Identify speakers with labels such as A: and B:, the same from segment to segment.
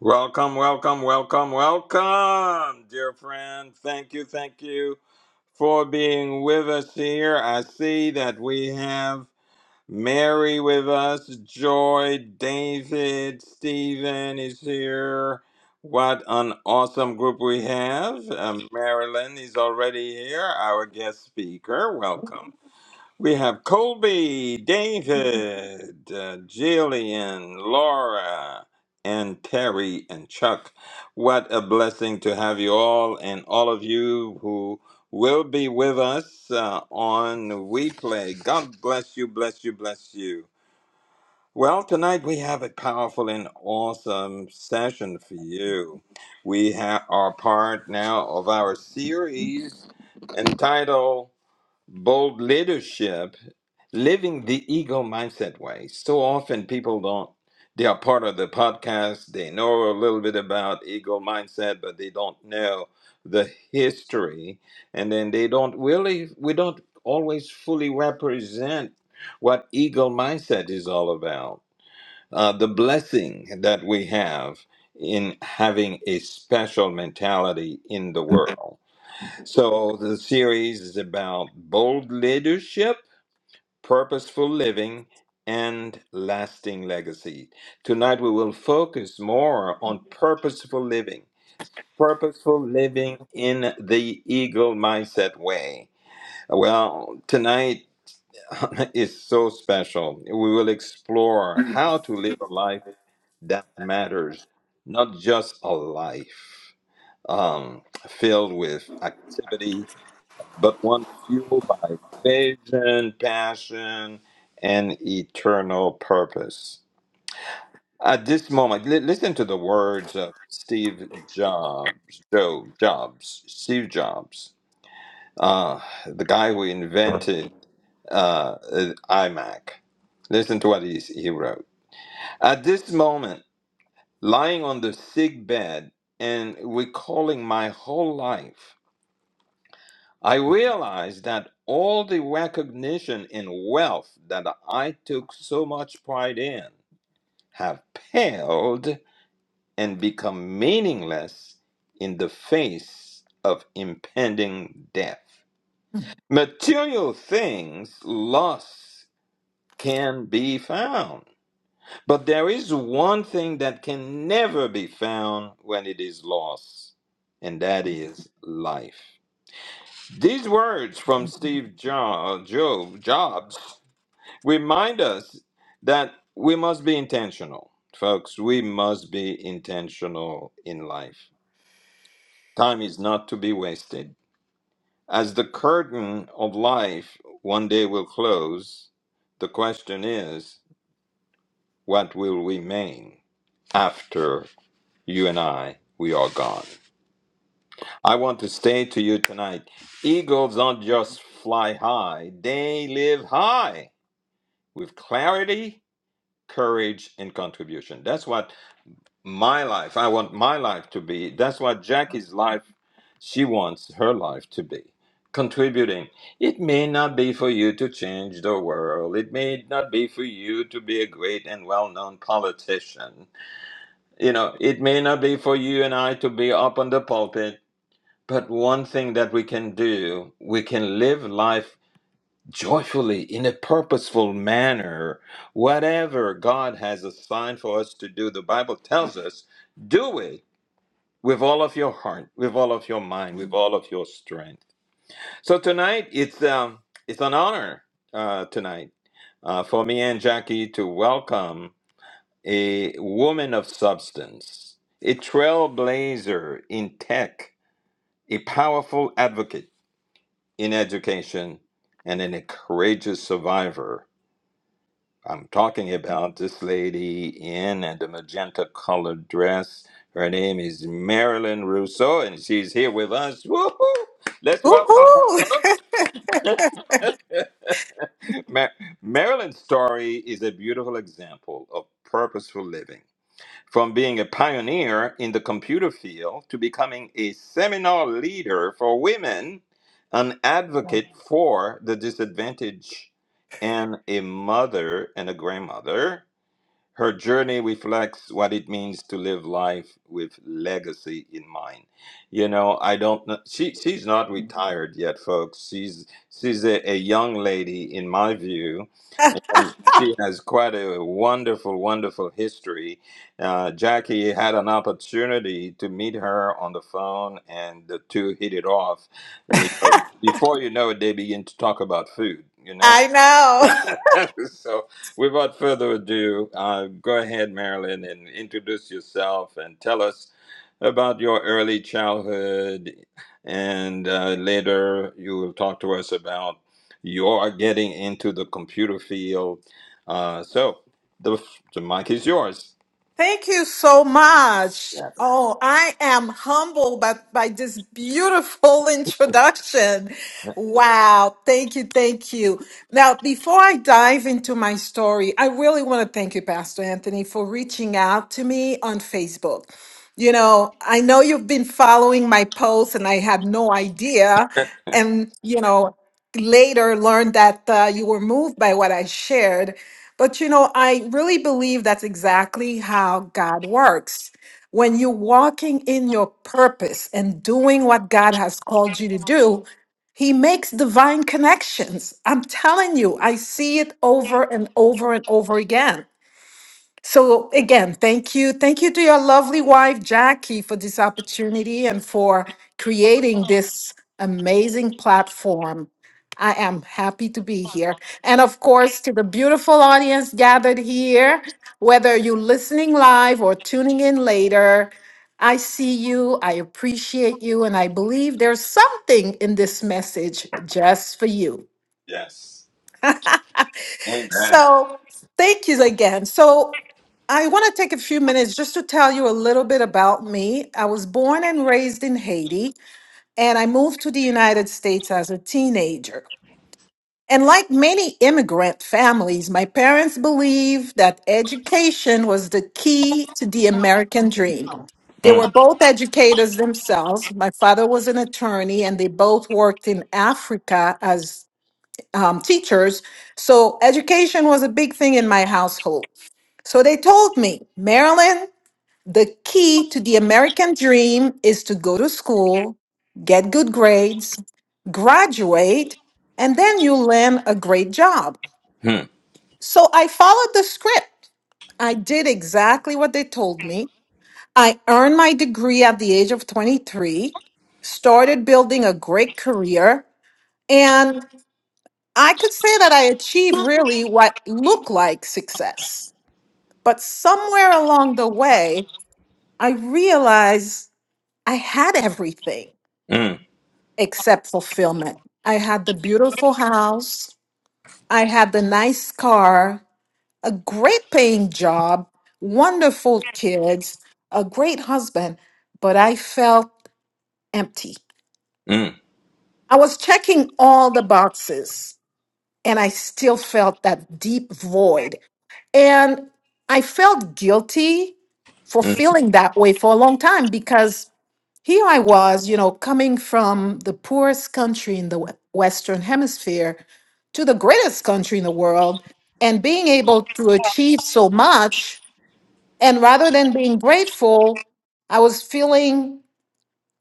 A: Welcome, welcome, welcome, welcome, dear friend. Thank you, thank you for being with us here. I see that we have Mary with us, Joy, David, Stephen is here. What an awesome group we have. Um, Marilyn is already here, our guest speaker. Welcome. We have Colby, David, uh, Jillian, Laura, and Terry and Chuck. What a blessing to have you all and all of you who will be with us uh, on We Play. God bless you, bless you, bless you. Well, tonight we have a powerful and awesome session for you. We ha- are part now of our series entitled Bold Leadership living the ego mindset way. So often people don't, they are part of the podcast, they know a little bit about ego mindset, but they don't know the history. And then they don't really, we don't always fully represent what ego mindset is all about. Uh, the blessing that we have in having a special mentality in the world. So the series is about bold leadership purposeful living, and lasting legacy. Tonight we will focus more on purposeful living, purposeful living in the eagle mindset way. Well, tonight is so special. We will explore how to live a life that matters, not just a life um, filled with activity but one fueled by vision, passion, and eternal purpose. At this moment, li- listen to the words of Steve Jobs, Joe Jobs, Steve Jobs, uh, the guy who invented uh, uh, iMac. Listen to what he, he wrote. At this moment, lying on the sick bed and recalling my whole life. I realized that all the recognition and wealth that I took so much pride in have paled and become meaningless in the face of impending death. Material things lost can be found, but there is one thing that can never be found when it is lost, and that is life. These words from Steve Jo- Job Jobs remind us that we must be intentional, folks. We must be intentional in life. Time is not to be wasted. As the curtain of life one day will close, the question is, what will remain after you and I we are gone? I want to say to you tonight, eagles don't just fly high, they live high. with clarity, courage, and contribution. That's what my life, I want my life to be. That's what Jackie's life, she wants her life to be. Contributing. It may not be for you to change the world. It may not be for you to be a great and well known politician. You know, it may not be for you and I to be up on the pulpit. But one thing that we can do, we can live life joyfully in a purposeful manner whatever god has assigned for us to do the bible tells us do it with all of your heart with all of your mind with all of your strength so tonight it's um it's an honor uh tonight uh, for me and jackie to welcome a woman of substance a trailblazer in tech a powerful advocate in education and an courageous survivor I'm talking about this lady in and the magenta colored dress. Her name is Marilyn Russo, and she's here with us. Woohoo! Let's welcome her,
B: Woohoo!
A: folks. Ma- Marilyn's story is a beautiful example of purposeful living. From being a pioneer in the computer field to becoming a seminar leader for women, an advocate for the disadvantaged, and a mother and a grandmother Her journey reflects what it means to live life with legacy in mind. You know, I don't know. She, she's not retired yet, folks. She's she's a, a young lady, in my view, and she has quite a wonderful, wonderful history. Uh, Jackie had an opportunity to meet her on the phone, and the two hit it off. You know, before you know it, they begin to talk about food. You know,
B: I know.
A: so, without further ado, uh, go ahead, Marilyn, and introduce yourself and tell us about your early childhood. And uh, later, you will talk to us about your getting into the computer field. Uh, so, the, the mic is yours.
B: Thank you so much.
A: Yes.
B: Oh, I am humbled by, by this beautiful introduction. Wow. Thank you. Thank you. Now, before I dive into my story, I really want to thank you, Pastor Anthony, for reaching out to me on Facebook. You know, I know you've been following my posts and I had no idea. And, you know, later learned that uh, you were moved by what I shared. But you know, I really believe that's exactly how God works. When you're walking in your purpose and doing what God has called you to do, He makes divine connections. I'm telling you, I see it over and over and over again. So again, thank you. Thank you to your lovely wife, Jackie, for this opportunity and for creating this amazing platform. I am happy to be here. And of course, to the beautiful audience gathered here, whether you're listening live or tuning in later, I see you, I appreciate you, and I believe there's something in this message just for you.
A: Yes. Amen.
B: So, thank you again. So, I want to take a few minutes just to tell you a little bit about me. I was born and raised in Haiti, and I moved to the United States as a teenager. And like many immigrant families, my parents believed that education was the key to the American dream. They were
A: Mm,
B: both educators themselves. My father was an attorney, and they both worked in Africa as um, teachers. So education was a big thing in my household. So they told me, Marilyn, the key to the American dream is to go to school, get good grades, graduate, and then you land a great job.
A: mm,
B: So I followed the script. I did exactly what they told me. I earned my degree at the age of 23, started building a great career, and. I could say that I achieved really what looked like success. But somewhere along the way, I realized I had everything
A: mm,
B: except fulfillment. I had the beautiful house, I had the nice car, a great paying job, wonderful kids, a great husband, but I felt empty.
A: mm,
B: I was checking all the boxes and I still felt that deep void And I felt guilty for
A: mm,
B: feeling that way for a long time because here I was, you know, coming from the poorest country in the we- Western Hemisphere to the greatest country in the world and being able to achieve so much. And rather than being grateful, I was feeling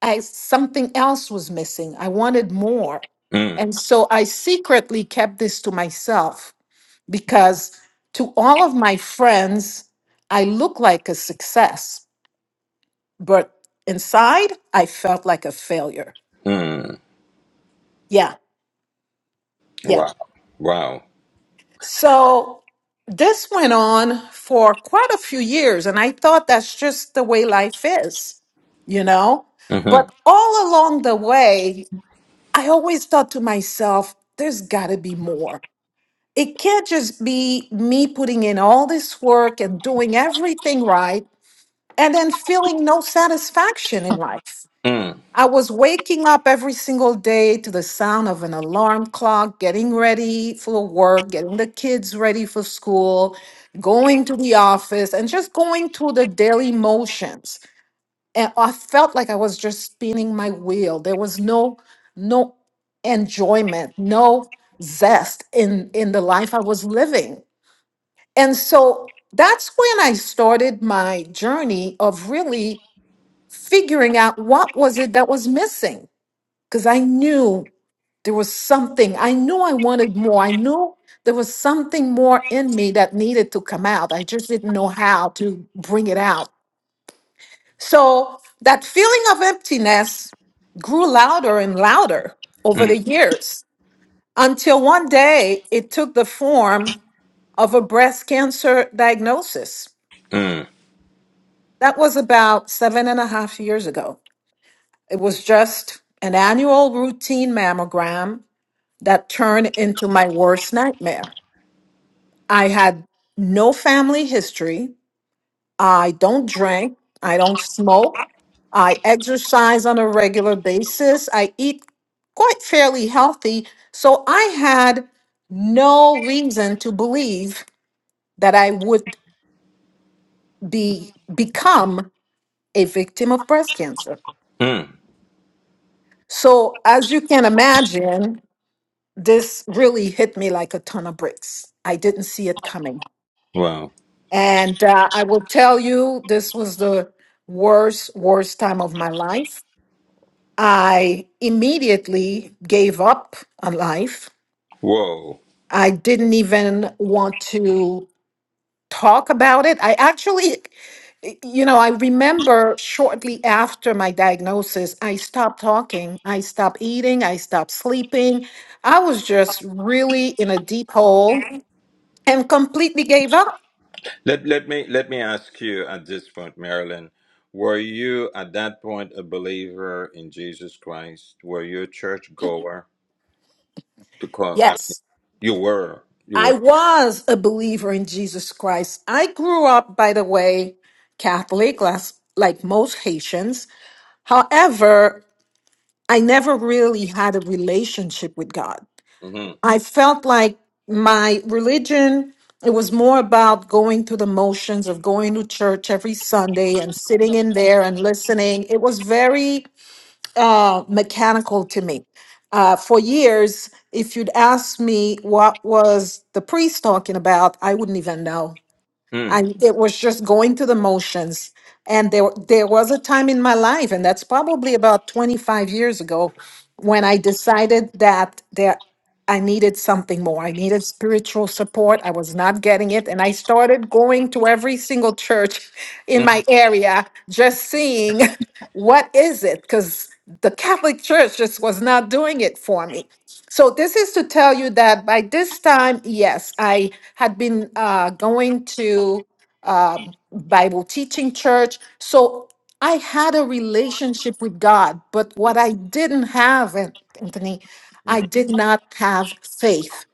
B: I, something else was missing. I wanted more.
A: mm,
B: And so I secretly kept this to myself because to all of my friends, I look like a success, but inside I felt like a failure.
A: mm.
B: Yeah, yeah.
A: Wow. Wow.
B: So this went on for quite a few years, and I thought that's just the way life is, you know?
A: Mm-hmm.
B: But all along the way, I always thought to myself, there's got to be more. It can't just be me putting in all this work and doing everything right and then feeling no satisfaction in life.
A: Mm,
B: I was waking up every single day to the sound of an alarm clock, getting ready for work, getting the kids ready for school, going to the office, and just going through the daily motions. And I felt like I was just spinning my wheel. There was no no enjoyment, no zest in in the life I was living. And so that's when I started my journey of really figuring out what was it that was missing because I knew there was something. I knew I wanted more. I knew there was something more in me that needed to come out. I just didn't know how to bring it out. So that feeling of emptiness grew louder and louder over
A: mm,
B: the years until one day it took the form of a breast cancer diagnosis.
A: mm,
B: That was about seven and a half years ago. It was just an annual routine mammogram that turned into my worst nightmare. I had no family history. I don't drink. I don't smoke. I exercise on a regular basis. I eat quite fairly healthy. So I had no reason to believe that I would be become a victim of breast cancer.
A: mm.
B: So as you can imagine, this really hit me like a ton of bricks. I didn't see it coming.
A: Wow.
B: And uh, I will tell you, this was the worst, worst time of my life. I immediately gave up on life.
A: Whoa.
B: I didn't even want to talk about it. I actually, you know, I remember shortly after my diagnosis, I stopped talking, I stopped eating, I stopped sleeping. I was just really in a deep hole and completely gave up.
A: Let let me let me ask you at this point, Marilyn, were you at that point a believer in Jesus Christ? Were you a church goer? To call, I mean,
B: Yes,
A: you were, you
B: I
A: were.
B: was a believer in Jesus Christ. I grew up, by the way, Catholic, las- like most Haitians. However, I never really had a relationship with God.
A: hmm
B: I felt like my religion, it was more about going through the motions of going to church every Sunday and sitting in there and listening. It was very uh, mechanical to me. Uh, for years, if you'd asked me what was the priest talking about, I wouldn't even know
A: Mm.
B: and it was just going through the motions and there there was a time in my life and that's probably about 25 years ago when i decided that there i needed something more i needed spiritual support i was not getting it and i started going to every single church in
A: Mm.
B: my area just seeing what is it because the catholic church just was not doing it for me so this is to tell you that by this time, yes, I had been uh, going to um, Bible teaching church. So I had a relationship with God, but what I didn't have, An- Anthony, I
A: Mhm.
B: did not have faith.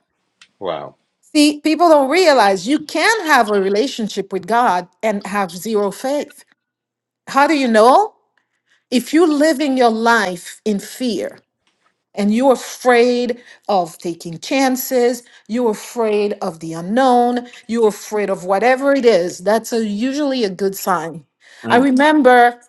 A: Wow.
B: See, people don't realize you can have a relationship with God and have zero faith. How do you know? If you're living your life in fear, and you're afraid of taking chances you're afraid of the unknown you're afraid of whatever it is that's a, usually a good sign i
A: Mm.
B: remember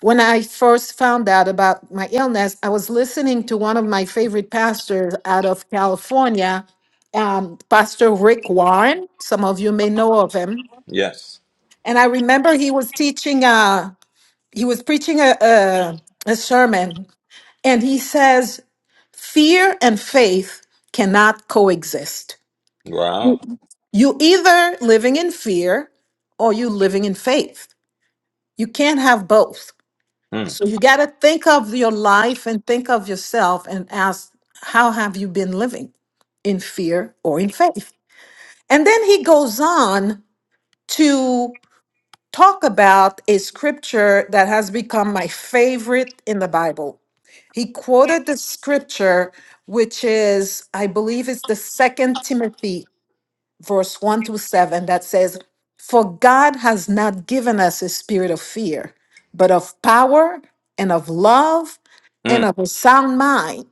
B: when i first found out about my illness i was listening to one of my favorite pastors out of california um, pastor rick warren some of you may know of him
A: Yes.
B: and i remember he was teaching uh, he was preaching a, a, a sermon and he says Fear and faith cannot coexist.
A: Wow.
B: You either living in fear or you living in faith. You can't have both.
A: Mm.
B: So you got to think of your life and think of yourself and ask, how have you been living in fear or in faith? And then he goes on to talk about a scripture that has become my favorite in the Bible. He quoted the scripture, which is, I believe, it's the second Timothy verse 1 through 7 that says, For God has not given us a spirit of fear, but of power and of love and
A: Mm.
B: of a sound mind.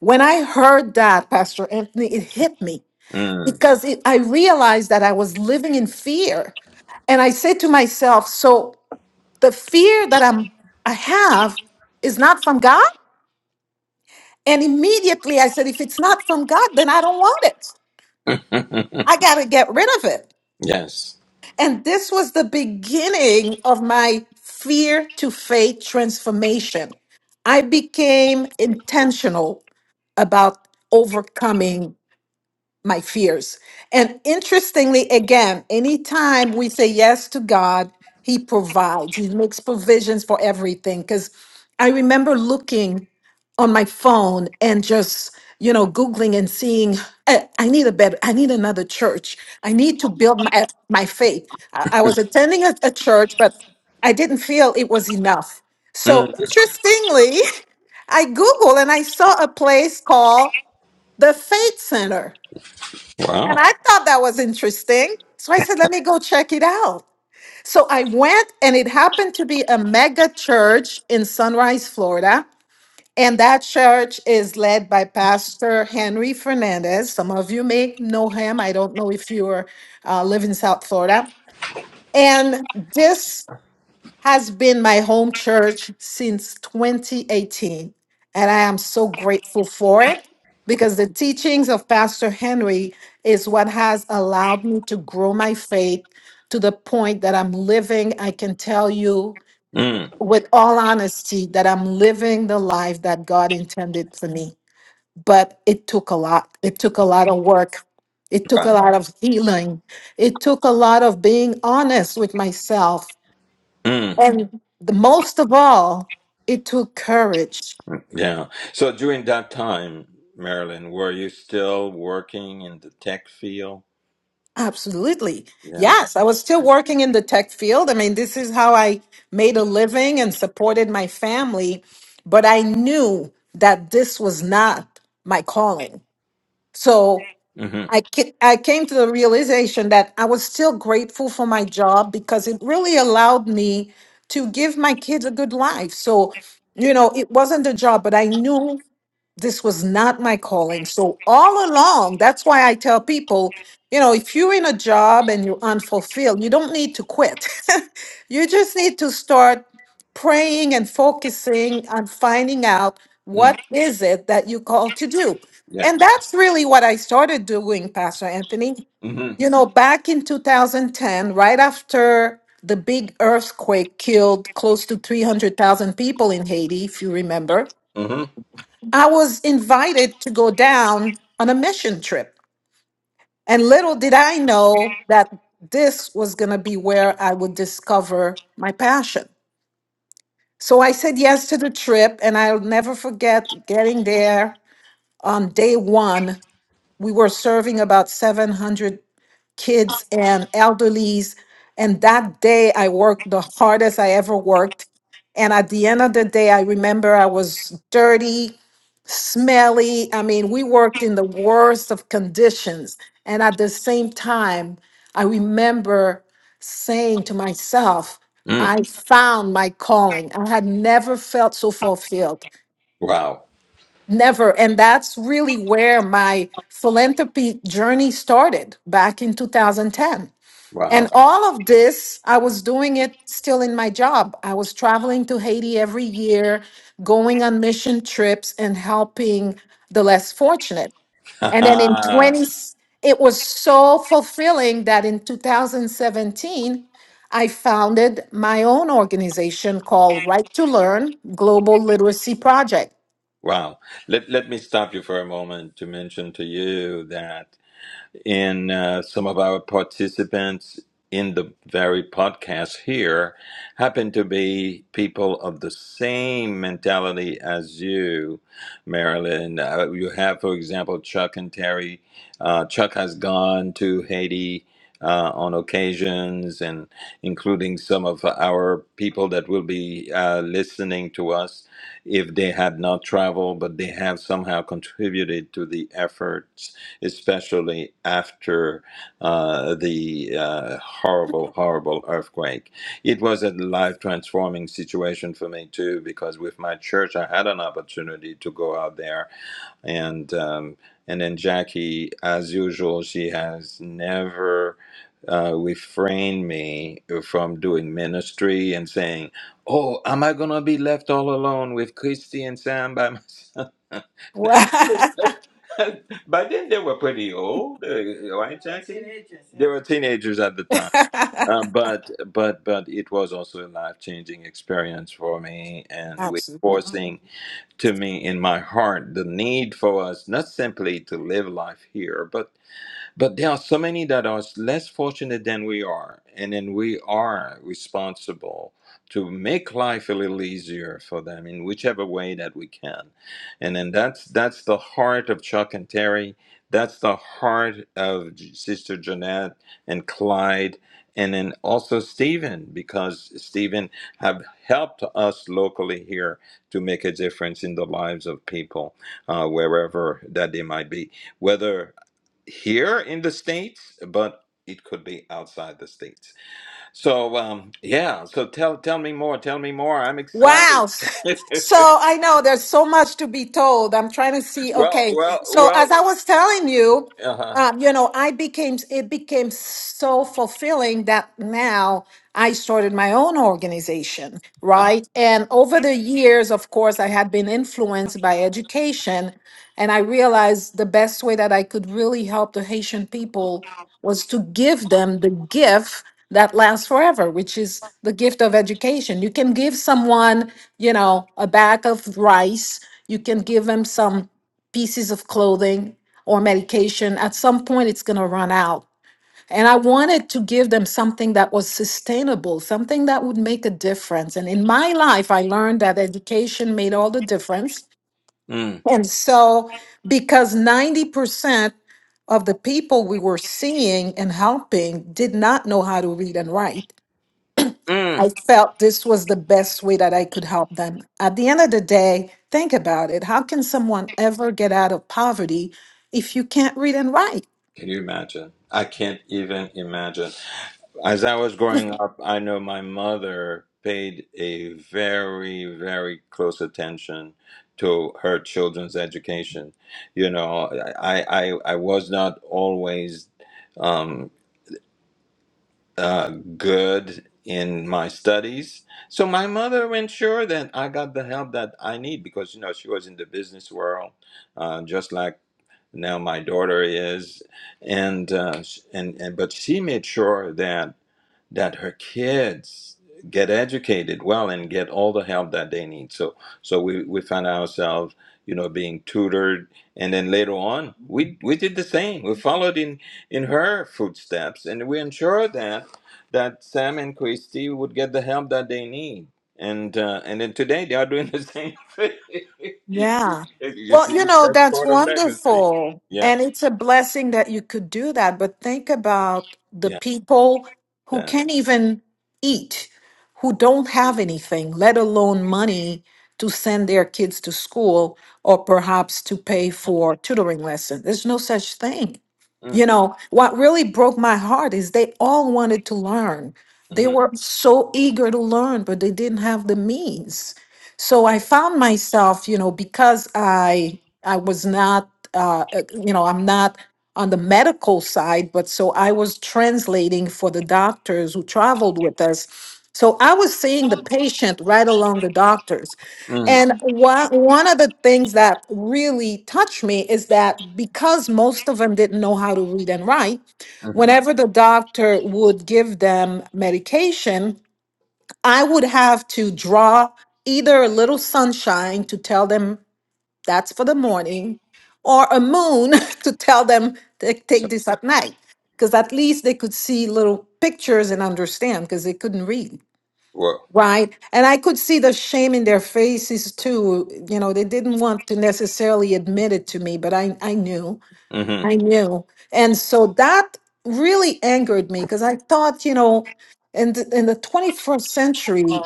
B: When I heard that, Pastor Anthony, it hit me
A: Mm.
B: because it, I realized that I was living in fear. And I said to myself, So the fear that I'm, I have is not from God? And immediately I said, If it's not from God, then I don't want it. I got to get rid of it.
A: yes.
B: And this was the beginning of my fear to faith transformation. I became intentional about overcoming my fears. And interestingly, again, anytime we say yes to God, He provides, He makes provisions for everything. Because I remember looking on my phone and just, you know, Googling and seeing, "Eh, I need a better, I need another church. I need to build my, my faith. I, I was attending a, a church, but I didn't feel it was enough. So
A: Mm.
B: interestingly, I Googled and I saw a place called the Faith Center. And
A: Wow.
B: I thought that was interesting. So I said, let me go check it out. So I went, and it happened to be a mega church in Sunrise, Florida. And that church is led by Pastor Henry Fernandez. Some of you may know him. I don't know if you are, uh, live in South Florida. And this has been my home church since 2018, and I am so grateful for it because the teachings of Pastor Henry is what has allowed me to grow my faith to the point that I'm living. I can tell you
A: Mm.
B: with all honesty that I'm living the life that God intended for me. But it took a lot. It took a lot of work. It took a
A: Wow.
B: lot of healing. It took a lot of being honest with myself
A: Mm.
B: and the most of all, it took courage.
A: Yeah. So during that time, Marilyn, were you still working in the tech field?
B: Absolutely.
A: Yeah.
B: Yes, I was still working in the tech field. I mean, this is how I made a living and supported my family, but I knew that this was not my calling. So
A: Mm-hmm.
B: I, ca- I came to the realization that I was still grateful for my job because it really allowed me to give my kids a good life. So, you know, it wasn't a job, but I knew this was not my calling. So all along, that's why I tell people, you know, if you're in a job and you're unfulfilled, you don't need to quit. you just need to start praying and focusing on finding out
A: Mm.
B: what is it that you called to do.
A: Yeah.
B: And that's really what I started doing, Pastor Anthony.
A: Mm-hmm.
B: You know, back in 2010, right after the big earthquake killed close to 300,000 people in Haiti, if you remember,
A: Mm-hmm.
B: I was invited to go down on a mission trip. And little did I know that this was going to be where I would discover my passion. So I said yes to the trip, and I'll never forget getting there on day one. We were serving about 700 kids and elderlies. And that day I worked the hardest I ever worked. And at the end of the day, I remember I was dirty, smelly. I mean, we worked in the worst of conditions. And at the same time, I remember saying to myself,
A: Mm.
B: I found my calling. I had never felt so fulfilled.
A: Wow.
B: Never. And that's really where my philanthropy journey started back in 2010.
A: Wow.
B: And all of this, I was doing it still in my job. I was traveling to Haiti every year, going on mission trips and helping the less fortunate. And then in 20, it was so fulfilling that in 2017, I founded my own organization called Right to Learn Global Literacy Project.
A: wow. Let, let me stop you for a moment to mention to you that. in uh, some of our participants in the very podcast here happen to be people of the same mentality as you, Marilyn. Uh, you have, for example, Chuck and Terry. Uh, Chuck has gone to Haiti. Uh, on occasions, and including some of our people that will be uh, listening to us if they had not traveled, but they have somehow contributed to the effort especially after uh, the uh, horrible, horrible earthquake. It was a life transforming situation for me, too, because with my church, I had an opportunity to go out there. And, um, and then Jackie, as usual, she has never. Uh, refrained me from doing ministry and saying, "Oh, am I gonna be left all alone with Christy and Sam by myself?" By then they were pretty old, uh, uh, right, Jackie? Teenagers, yeah. They were teenagers at the time. Uh, but but but it was also a life changing experience for me, and
B: Wow.
A: we forcing to me in my heart the need for us not simply to live life here, but but there are so many that are less fortunate than we are, and then we are responsible to make life a little easier for them in whichever way that we can. And then that's that's the heart of Chuck and Terry. That's the heart of J- Sister Jeanette and Clyde, and then also Stephen, because Stephen have helped us locally here to make a difference in the lives of people uh, wherever that they might be, whether here in the states, but it could be outside the states. So um, yeah, so tell tell me more. Tell me more. I'm excited.
B: Wow. So I know there's so much to be told. I'm trying to see.
A: well,
B: Okay.
A: well,
B: So
A: well.
B: as I was telling you,
A: Uh huh.
B: um, you know, I became, it became so fulfilling that now I started my own organization, right? And over the years, of course, I had been influenced by education. And I realized the best way that I could really help the Haitian people was to give them the gift that lasts forever, which is the gift of education. You can give someone, you know, a bag of rice, you can give them some pieces of clothing or medication. At some point, it's going to run out. And I wanted to give them something that was sustainable, something that would make a difference. And in my life, I learned that education made all the difference
A: Mm,
B: and so, because 90% of the people we were seeing and helping did not know how to read and write,
A: mm.
B: I felt this was the best way that I could help them. At the end of the day, think about it. How can someone ever get out of poverty if you can't read and write?
A: Can you imagine? I can't even imagine. As I was growing up, I know my mother paid a very, very close attention to her children's education. You know, I, I, I was not always. Um, uh, good in my studies. So my mother ensured that I got the help that I need because you know she was in the business world, uh, just like now my daughter is, and uh, sh- and and but she made sure that that her kids get educated well and get all the help that they need. So so we, we found ourselves, you know, being tutored and then later on we we did the same. We followed in, in her footsteps and we ensured that that Sam and Christy would get the help that they need. And uh, and then today they are doing the same thing.
B: Yeah.
A: you
B: Well, you
A: see,
B: know,
A: that's
B: that's
A: part of legacy.
B: wonderful.
A: Yeah,
B: And it's a blessing that you could do that. But think about the
A: yeah,
B: people who
A: that.
B: can't even eat, who don't have anything, let alone money to send their kids to school or perhaps to pay for tutoring lessons. There's no such thing.
A: Mm,
B: You know, what really broke my heart is they all wanted to learn. They
A: mhm,
B: were so eager to learn, but they didn't have the means. So I found myself, you know, because I I was not, uh, uh, you know, I'm not on the medical side, but so I was translating for the doctors who traveled with us. So I was seeing the patient right along the doctors.
A: mhm,
B: And one, one of the things that really touched me is that because most of them didn't know how to read and write,
A: mhm.
B: whenever the doctor would give them medication, I would have to draw either a little sunshine to tell them that's for the morning or a moon to tell them to
A: So,
B: take this at night because at least they could see little pictures and understand because they couldn't read
A: whoa.
B: right and i could see the shame in their faces too you know they didn't want to necessarily admit it to me but i i knew
A: mm-hmm.
B: i knew and so that really angered me because i thought you know in the, in the 21st century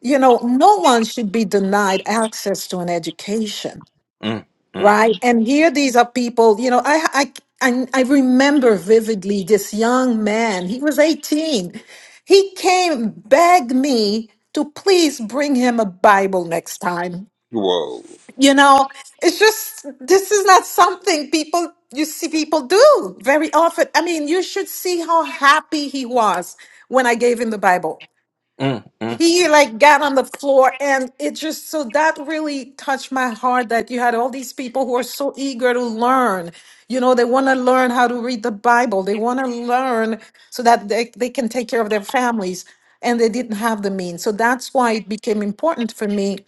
B: you know, no one should be denied access to an education,
A: mm, mm.
B: right? And here these are people, you know, I, I, I, I remember vividly this young man, he was 18. He came, begged me to please bring him a Bible next time.
A: Whoa.
B: You know, it's just, this is not something people, you see people do very often. I mean, you should see how happy he was when I gave him the Bible
A: Mm, mm,
B: he like got on the floor and it just so that really touched my heart that you had all these people who are so eager to learn you know they want to learn how to read the bible they want to learn so that they, they can take care of their families and they didn't have the means so that's why it became important for me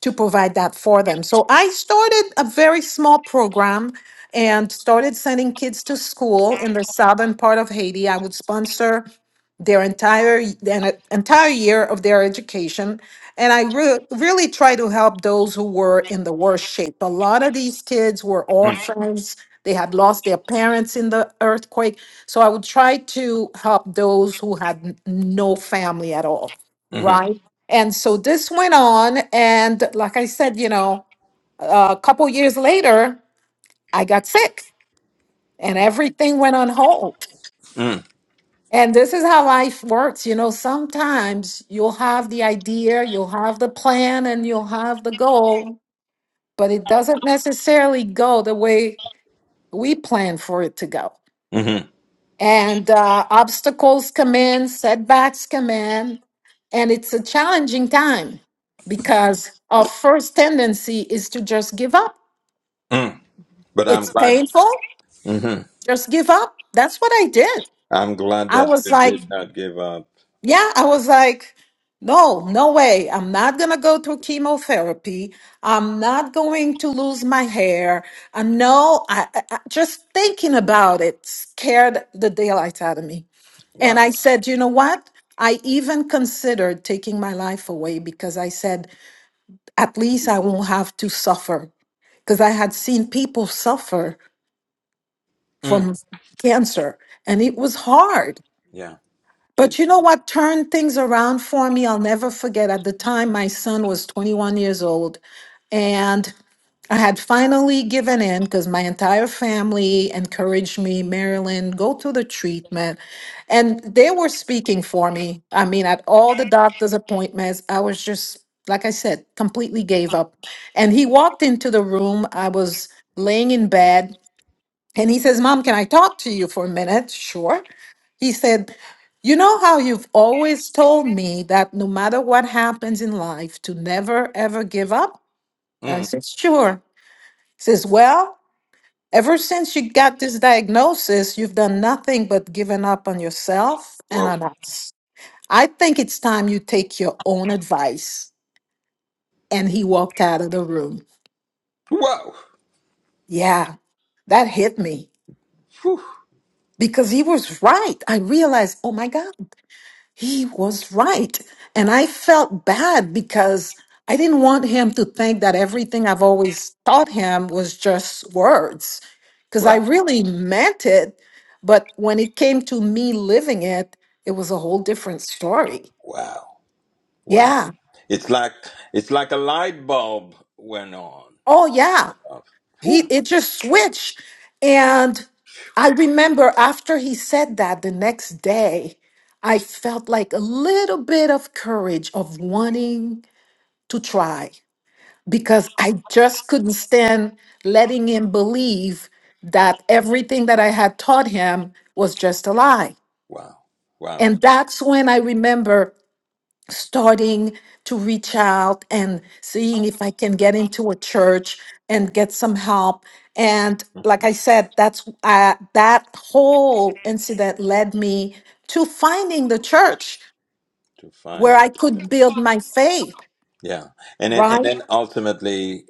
B: to provide that for them so i started a very small program and started sending kids to school in the southern part of haiti i would sponsor their entire an entire year of their education and i re- really try to help those who were in the worst shape a lot of these kids were
A: mm,
B: orphans they had lost their parents in the earthquake so i would try to help those who had n- no family at all
A: mm,
B: right and so this went on and like i said you know a couple years later i got sick and everything went on hold
A: mm,
B: and this is how life works. You know, sometimes you'll have the idea, you'll have the plan, and you'll have the goal, but it doesn't necessarily go the way we plan for it to go.
A: mm,
B: And uh, obstacles come in, setbacks come in, and it's a challenging time because our first tendency is to just give up.
A: mm. But I'm
B: It's
A: glad.
B: painful,
A: mhm.
B: just give up. That's what I did.
A: I'm glad
B: I
A: that
B: was
A: you
B: like,
A: did not give up.
B: Yeah, I was like, no, no way. I'm not going to go through chemotherapy. I'm not going to lose my hair. I know, I, I I- just thinking about it scared the daylights out of me.
A: Wow.
B: And I said, you know what? I even considered taking my life away because I said, at least I won't have to suffer. Because I had seen people suffer
A: Mm,
B: from cancer and it was hard.
A: yeah. It,
B: But you know what turned things around for me? I'll never forget. At the time, my son was 21 years old, and I had finally given in because my entire family encouraged me, Marilyn, go to the treatment. And they were speaking for me. I mean, at all the doctor's appointments, I was just, like I said, completely gave up. And he walked into the room. I was laying in bed and he says, Mom, can I talk to you for a minute? Sure. He said, You know how you've always told me that no matter what happens in life, to never ever give up? I
A: mm,
B: said, Sure. He says, Well, ever since you got this diagnosis, you've done nothing but given up on yourself and
A: whoa.
B: on us. I think it's time you take your own advice. And he walked out of the room.
A: Whoa.
B: Yeah, that hit me
A: Whew.
B: because he was right. I realized, oh my God. he was right. And I felt bad because I didn't want him to think that everything I've always taught him was just words, because I
A: Wow.
B: really meant it. But when it came to me living it, it was a whole different story.
A: Wow. Wow.
B: Yeah.
A: It's like it's like a light bulb went on.
B: Oh, yeah.
A: Uh,
B: He,
A: whew.
B: it just switched. And I remember after he said that the next day, I felt like a little bit of courage of wanting to try. because I just couldn't stand letting him believe that everything that I had taught him was just a lie.
A: Wow. Wow.
B: And that's when I remember starting to reach out and seeing if I can get into a church and get some help. And
A: Mm,
B: like I said, that's uh, that whole incident led me to finding the church
A: To find
B: where I
A: it.
B: could build my faith,
A: Yeah. And then and
B: right?
A: then ultimately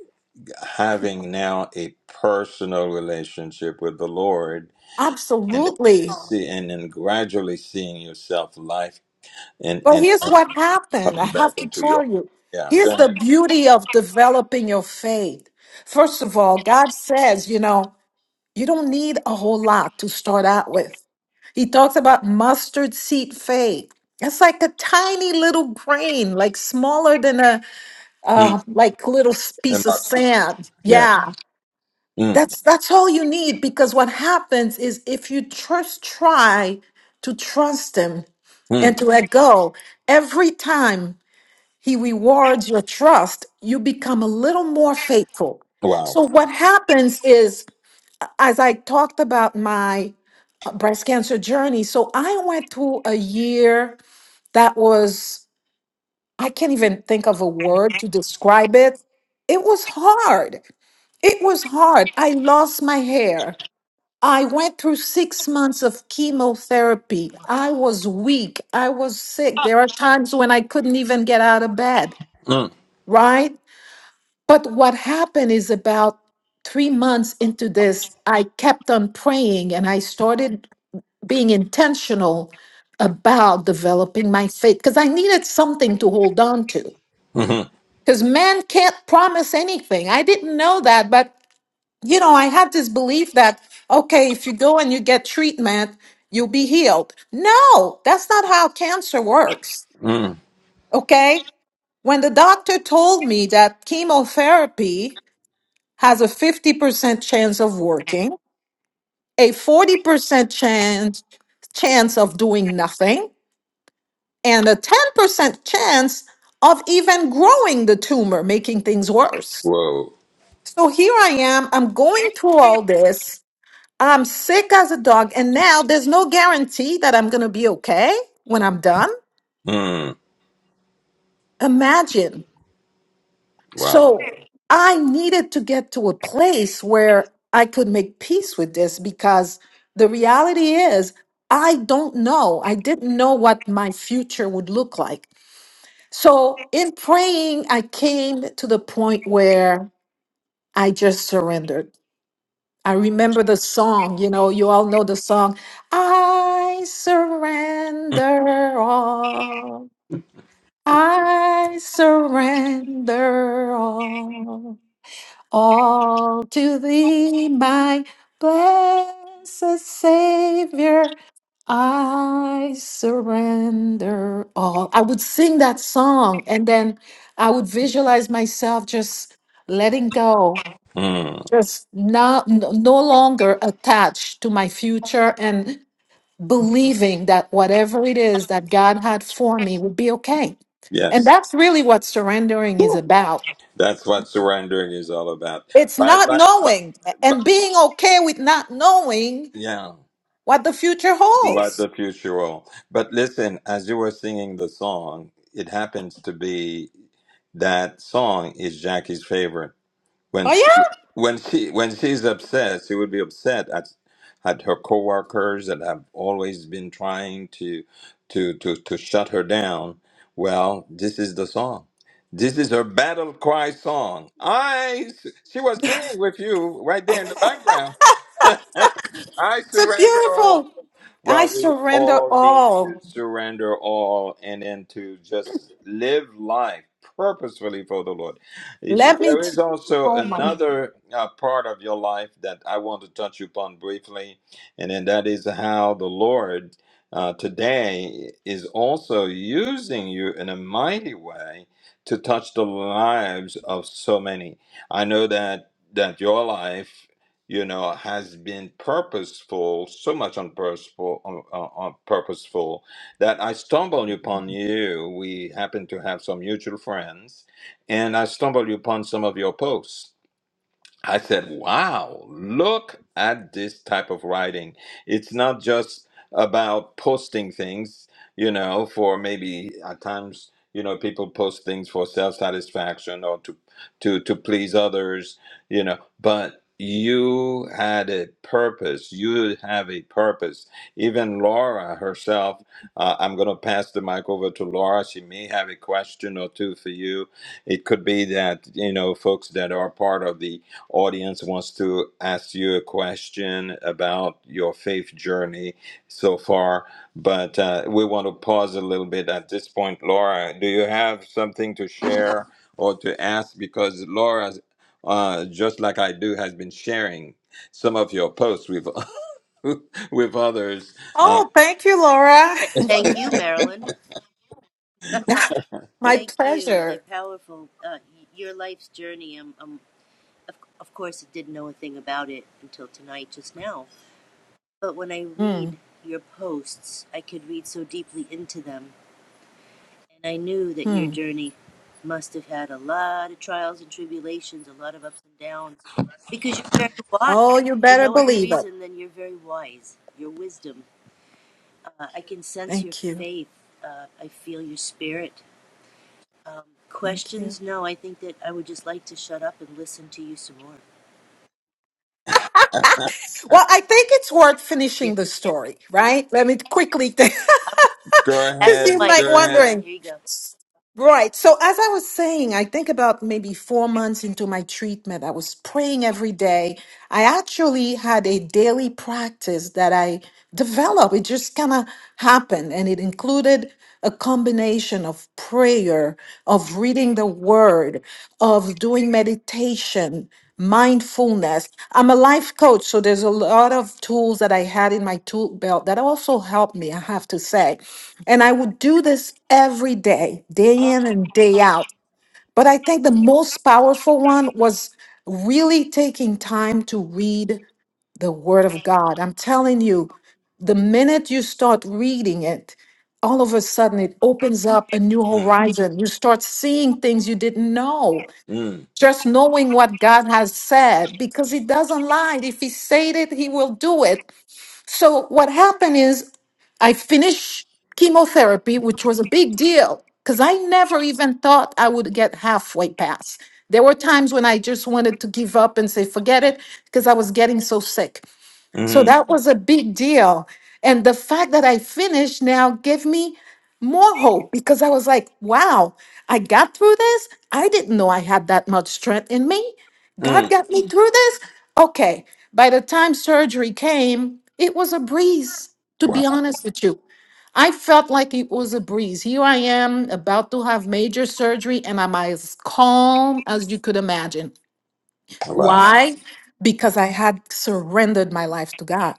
A: having now a personal relationship with the Lord and then
B: Absolutely.
A: see and then gradually seeing yourself life and
B: But
A: and
B: here's what happened. I
A: coming back
B: have to
A: into your
B: tell you.
A: yeah go
B: Here's the
A: ahead
B: beauty of developing your faith. First of all, God says, you know, you don't need a whole lot to start out with. He talks about mustard seed faith. It's like a tiny little grain, like smaller than a
A: mm.
B: uh, like little s-
A: and
B: piece of
A: my sister.
B: sand.
A: yeah
B: Yeah,
A: mm.
B: that's that's all you need because what happens is if you just try to trust Him and
A: Mm.
B: to let go every time he rewards your trust. You become a little more faithful.
A: wow
B: So, what happens is, as I talked about my uh, breast cancer journey, so I went through a year that was, I can't even think of a word to describe it. It was hard. It was hard. I lost my hair. I went through six months of chemotherapy. I was weak. I was sick. There are times when I couldn't even get out of bed,
A: mm.
B: right? But what happened is about three months into this, I kept on praying and I started being intentional about developing my faith because I needed something to hold on to.
A: mhm,
B: Because man can't promise anything. I didn't know that, but you know, I had this belief that, okay, if you go and you get treatment, you'll be healed. No, that's not how cancer works.
A: mm.
B: Okay. When the doctor told me that chemotherapy has a 50% chance of working, a 40% chance chance of doing nothing, and a 10% chance of even growing the tumor, making things worse.
A: whoa
B: So here I am, I'm going through all this. I'm sick as a dog, and now there's no guarantee that I'm going to be okay when I'm done.
A: mm.
B: Imagine
A: wow
B: So I needed to get to a place where I could make peace with this because the reality is, I don't know. I didn't know what my future would look like. So in praying, I came to the point where I just surrendered. I remember the song, you know, you all know the song, I surrender all. I surrender all. All to thee, my blessed Savior, I surrender all. I would sing that song and then I would visualize myself just letting go,
A: mm.
B: just not, no no longer attached to my future and believing that whatever it is that God had for me would be okay. And
A: yes
B: that's really what surrendering is
A: Whew.
B: about
A: that's what surrendering is all about
B: It's
A: but
B: not
A: but but,
B: knowing and
A: but
B: being okay with not knowing
A: yeah
B: what the future
A: what
B: holds.
A: the future will. But listen, as you were singing the song, it happens to be that song is Jackie's favorite. When
B: Oh,
A: she,
B: yeah.
A: when she when she's upset, she would be upset at at her coworkers that have always been trying to to to to shut her down. Well, this is the song. This is her battle cry song. I she was singing with you right there in the background. I
B: It's a
A: surrender all.
B: beautiful. I
A: Well, we
B: surrender
A: all need to
B: all.
A: surrender all and then to just live life purposefully for the Lord. It-
B: Let me.
A: There
B: T-
A: is also
B: oh, my.
A: another uh, part of your life that I want to touch upon briefly, and then that is how the Lord uh, today is also using you in a mighty way to touch the lives of so many. I know that that your life you know, has been purposeful, so much on purposeful, on, on purposeful that I stumbled upon you. We happen to have some mutual friends, and I stumbled upon some of your posts I said, wow, look at this type of writing. It's not just about posting things, you know, for maybe at times, you know, people post things for self satisfaction or to, to, to please others, you know, but you had a purpose. You have a purpose. Even Laura herself, uh, I'm going to pass the mic over to Laura. She may have a question or two for you. It could be that, you know, folks that are part of the audience wants to ask you a question about your faith journey so far, but uh, we want to pause a little bit at this point. Laura, do you have something to share or to ask? Because Laura, uh, just like I do, has been sharing some of your posts with with others. Uh,
B: Oh, thank you, Laura.
C: Th- Thank you, Marilyn.
B: my
C: Thank you. They're
B: pleasure.
C: powerful. Uh, y- your life's journey. Um, um, of, of course, I didn't know a thing about it until tonight, just now. But when I
B: Mm,
C: read your posts, I could read so deeply into them, and I knew that your
B: hmm.
C: journey must have had a lot of trials and tribulations, a lot of ups and downs, because you're very wise.
B: Oh, you
C: For
B: better
C: no other
B: believe it.
C: reason than you're very wise. Your wisdom. Uh, I can sense your
B: Thank you.
C: faith. Uh, I feel your spirit Um,
B: Thank you.
C: questions? No, I think that I would just like to shut up and listen to you some more.
B: Well, I think it's worth
C: Yes,
B: finishing the
C: ma'am.
B: story,
C: Yes,
B: right? Let me
C: ma'am.
B: quickly
C: I'm good.
B: think.
C: I'm going to give you
A: go
C: the back
B: Because
C: the
A: ahead,
B: you might
C: mic,
A: go
C: my
A: ahead.
C: friend.
B: wondering.
C: Here you go.
B: Right. So, as I was saying, I think about maybe four months into my treatment, I was praying every day. I actually had a daily practice that I developed. It just kind of happened, and it included a combination of prayer, of reading the word, of doing meditation, mindfulness. I'm a life coach, so there's a lot of tools that I had in my tool belt that also helped me, I have to say. And I would do this every day, day in and day out but I think the most powerful one was really taking time to read the Word of God. I'm telling you, the minute you start reading it, all of a sudden it opens up a new
A: Mm,
B: horizon. You start seeing things you didn't know.
A: mm,
B: Just knowing what God has said, because He doesn't lie. If He said it, He will do it. So what happened is I finished chemotherapy, which was a big deal because I never even thought I would get halfway past. There were times when I just wanted to give up and say, forget it, because I was getting so sick. So
A: mm,
B: that was a big deal. And the fact that I finished now gave me more hope because I was like, wow, I got through this. I didn't know I had that much strength in me. God
A: mm.
B: got me Mm. through this. Okay. By the time surgery came, it was a breeze, to
A: Wow,
B: be honest with you. I felt like it was a breeze. Here I am about to have major surgery, and I'm as calm as you could imagine.
A: wow,
B: Why? Because I had surrendered my life to God.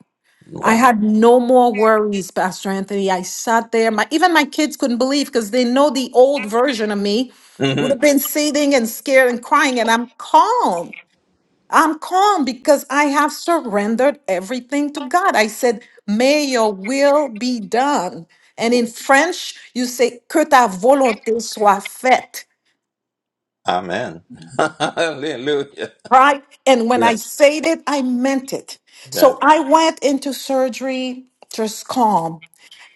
B: I
A: wow.
B: had no more worries, Pastor Anthony. I sat there. My even my kids couldn't believe because they know the old version of me would
A: hmm
B: have been sitting and scared and crying, and I'm calm. I'm calm because I have surrendered everything to God. I said, "May Your will be done," and in French, you say, "Que ta volonté soit faite."
A: Amen. Hallelujah.
B: Right? And when I
A: Yes.
B: said it, I meant it.
A: Yes.
B: So I went into surgery just calm.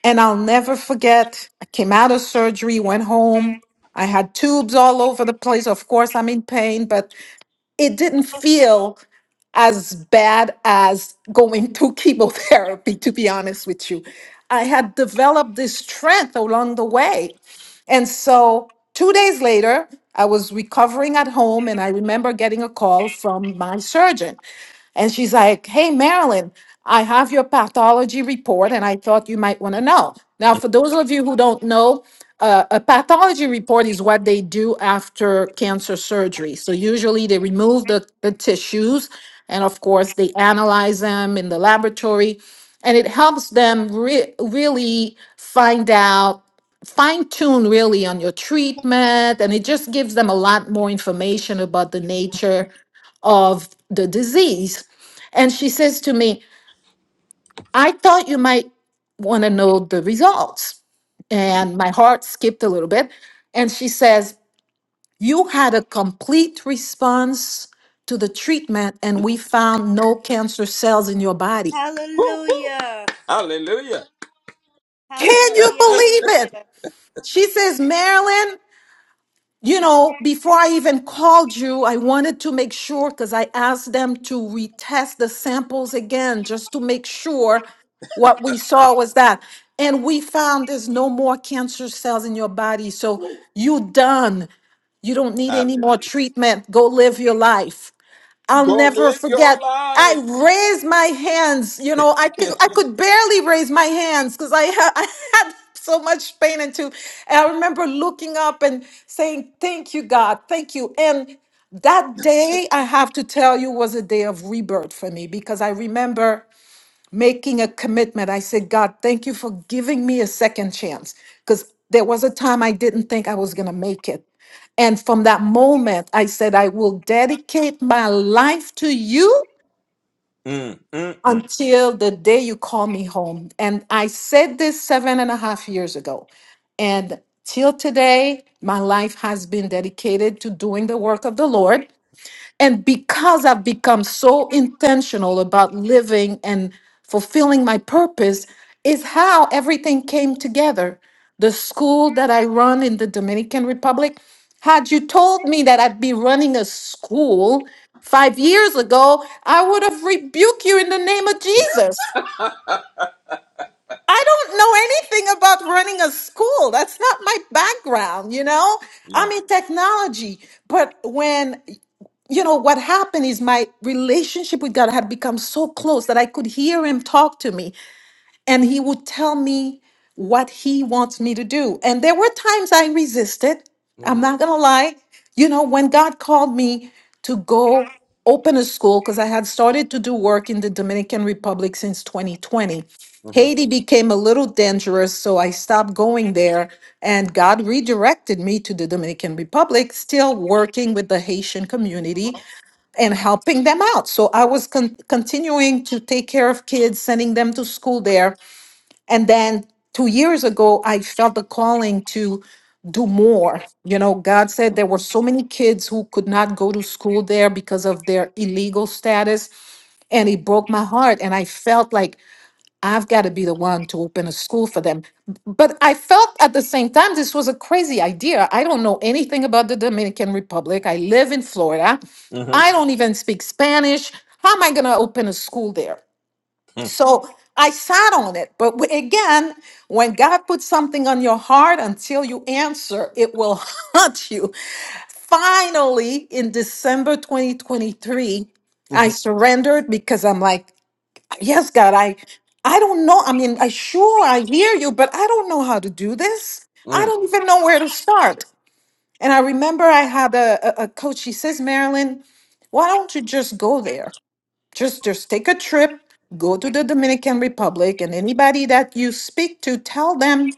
B: And I'll never forget, I came out of surgery, went home. I had tubes all over the place. Of course, I'm in pain, but it didn't feel as bad as going through chemotherapy, to be honest with you. I had developed this strength along the way. And so two days later, I was recovering at home, and I remember getting a call from my surgeon. And she's like, Hey, Marilyn, I have your pathology report, and I thought you might want to know. Now,
A: Woo,
B: for those of you who don't know, uh, a pathology report is what they do after cancer surgery. So, usually, they remove the, the tissues, and of course, they analyze them in the laboratory, and it helps them re- really find out fine tune really on your treatment and it just gives them a lot more information about the nature of the disease and she says to me, I thought you might want to know the results. And my heart skipped a little bit. And she says, You had a complete response to the treatment, and we found no cancer cells in your body.
A: woo.
C: Hallelujah.
A: Hallelujah.
B: Can you
C: Hallelujah. Hallelujah.
B: believe it? She says, Marilyn, you know, before I even called you, I wanted to make sure because I asked them to retest the samples again just to make sure what we saw was that. And we found there's no more cancer cells in your body. So you done. You don't need any more
A: Hallelujah.
B: treatment. Go live your life. I'll
A: Go
B: never
A: live your
B: forget. I
A: life.
B: raised my hands. You know, I could I could barely raise my hands because I, ha- I had so much pain and too. And I remember looking up and saying, "Thank you, God, thank you." And that day, I have to tell you, was a day of rebirth for me because I remember making a commitment. I said, God, thank you for giving me a second chance because there was a time I didn't think I was going to make it. And from that moment, I said, I will dedicate my life to you
A: Mm, mm, mm.
B: until the day you call me home. And I said this seven and a half years ago. And till today, my life has been dedicated to doing the work of the Lord. And because I've become so intentional about living and fulfilling my purpose, is how everything came together. The school that I run in the Dominican Republic, had you told me that I'd be running a school five years ago, I would have rebuked you in the name of Jesus. I don't know anything about running a school. That's not my background, you know?
A: yeah.
B: I'm in technology. But when you know what happened is my relationship with god had become so close that i could hear him talk to me and he would tell me what he wants me to do and there were times i resisted
A: hmm
B: i'm not gonna lie you know when god called me to go open a school because i had started to do work in the dominican republic since 2020
A: hmm
B: Haiti became a little dangerous, so I stopped going there, and God redirected me to the Dominican Republic, still working with the Haitian community and helping them out. So I was con- continuing to take care of kids, sending them to school there. And then two years ago, I felt the calling to do more. You know, God said there were so many kids who could not go to school there because of their illegal status. And it broke my heart. And I felt like, I've got to be the one to open a school for them. But I felt at the same time this was a crazy idea. I don't know anything about the Dominican Republic. I live in Florida.
A: hmm
B: I don't even speak Spanish. How am I going to open a school there?
A: hmm mm,
B: So I sat on it. But w- again, when God puts something on your heart, until you answer, it will haunt you. Finally, in December 2023, I
A: mm,
B: surrendered because I'm like, Yes, God, I I don't know. I mean, I sure I hear you, but I don't know how to do this. I don't even know where to start. And I remember I had a, a, a coach, she says, Marilyn, why don't you just go there? Just just take a trip, go to the Dominican Republic, and anybody that you speak to, tell them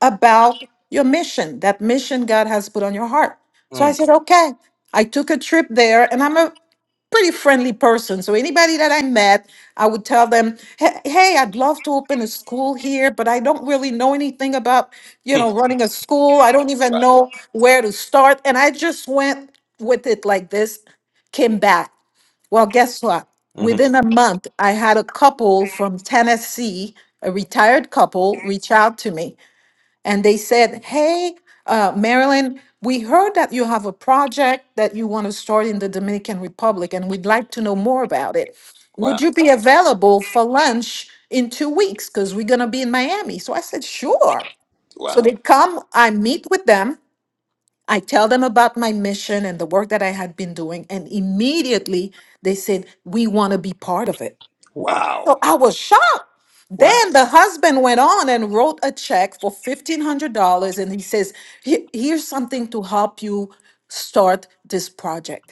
B: about your mission, that mission God has put on your heart. So I said, okay. I took a trip there, and I'm a pretty friendly person. So anybody that I met, I would tell them, "Hey, hey, I'd love to open a school here, but I don't really know anything about, you know, running a school. I don't even know where to start." And I just went with it like this, came back. Well, guess what?
A: mm. Wow. hmm
B: Within a month, I had a couple from Tennessee, a retired couple, reach out to me and they said, Hey, uh, Marilyn, we heard that you have a project that you want to start in the Dominican Republic, and we'd like to know more about it. Would
A: Wow.
B: you be available for lunch in two weeks? Because we're going to be in Miami. So I said, Sure. So
A: Wow.
B: they come, I meet with them. I tell them about my mission and the work that I had been doing, and immediately they said, We want to be part of it.
A: Wow.
B: So I was shocked.
A: Wow.
B: Then the husband went on and wrote a check for $1,500. And he says, "He- Here's something to help you start this project.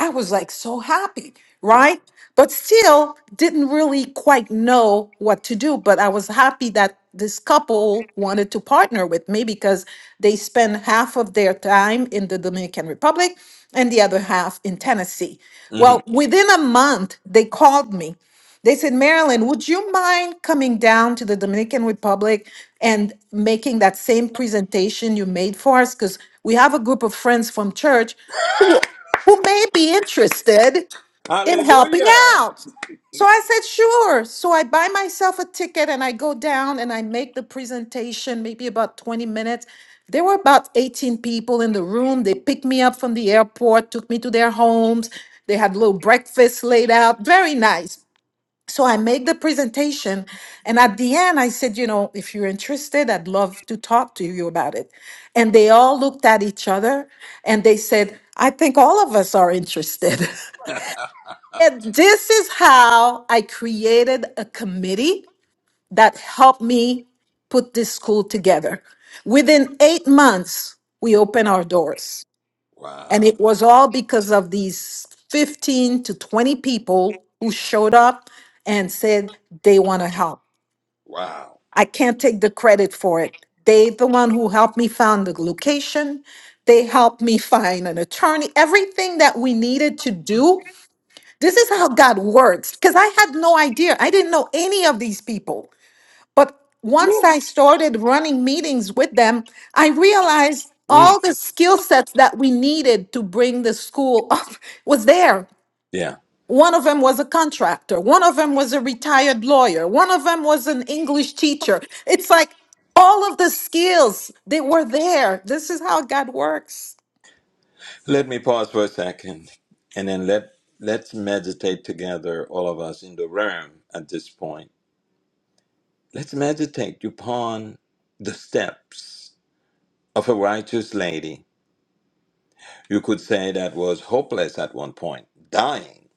B: I was like so happy,
A: Wow.
B: right? But still didn't really quite know what to do. But I was happy that this couple wanted to partner with me because they spend half of their time in the Dominican Republic and the other half in Tennessee.
A: hmm
B: Well, within a month, they called me. They said, Marilyn, would you mind coming down to the Dominican Republic and making that same presentation you made for us? Because we have a group of friends from church who may be interested in helping
A: Hallelujah.
B: out. So I said, sure. So I buy myself a ticket and I go down and I make the presentation, maybe about 20 minutes. There were about 18 people in the room. They picked me up from the airport, took me to their homes. They had little breakfast laid out. Very nice. So I made the presentation, and at the end, I said, you know, if you're interested, I'd love to talk to you about it. And they all looked at each other and they said, I think all of us are interested. and this is how I created a committee that helped me put this school together. Within eight months, we opened our doors. And
A: Wow.
B: it was all because of these 15 to 20 people who showed up and said they want to help.
A: Wow.
B: I can't take the credit for it. They the one who helped me find the location. They helped me find an attorney. Everything that we needed to do. This is how God works. Because I had no idea. I didn't know any of these people. But once I started running meetings with them, I realized
A: Mm.
B: all the skill sets that we needed to bring the school up was there.
A: Yeah.
B: One of them was a contractor. One of them was a retired lawyer. One of them was an English teacher. It's like all of the skills they were there. This is how God works.
A: Let me pause for a second and then let let's meditate together, all of us in the room at this point. Let's meditate upon the steps of a righteous lady. You could say that was hopeless at one point, dying.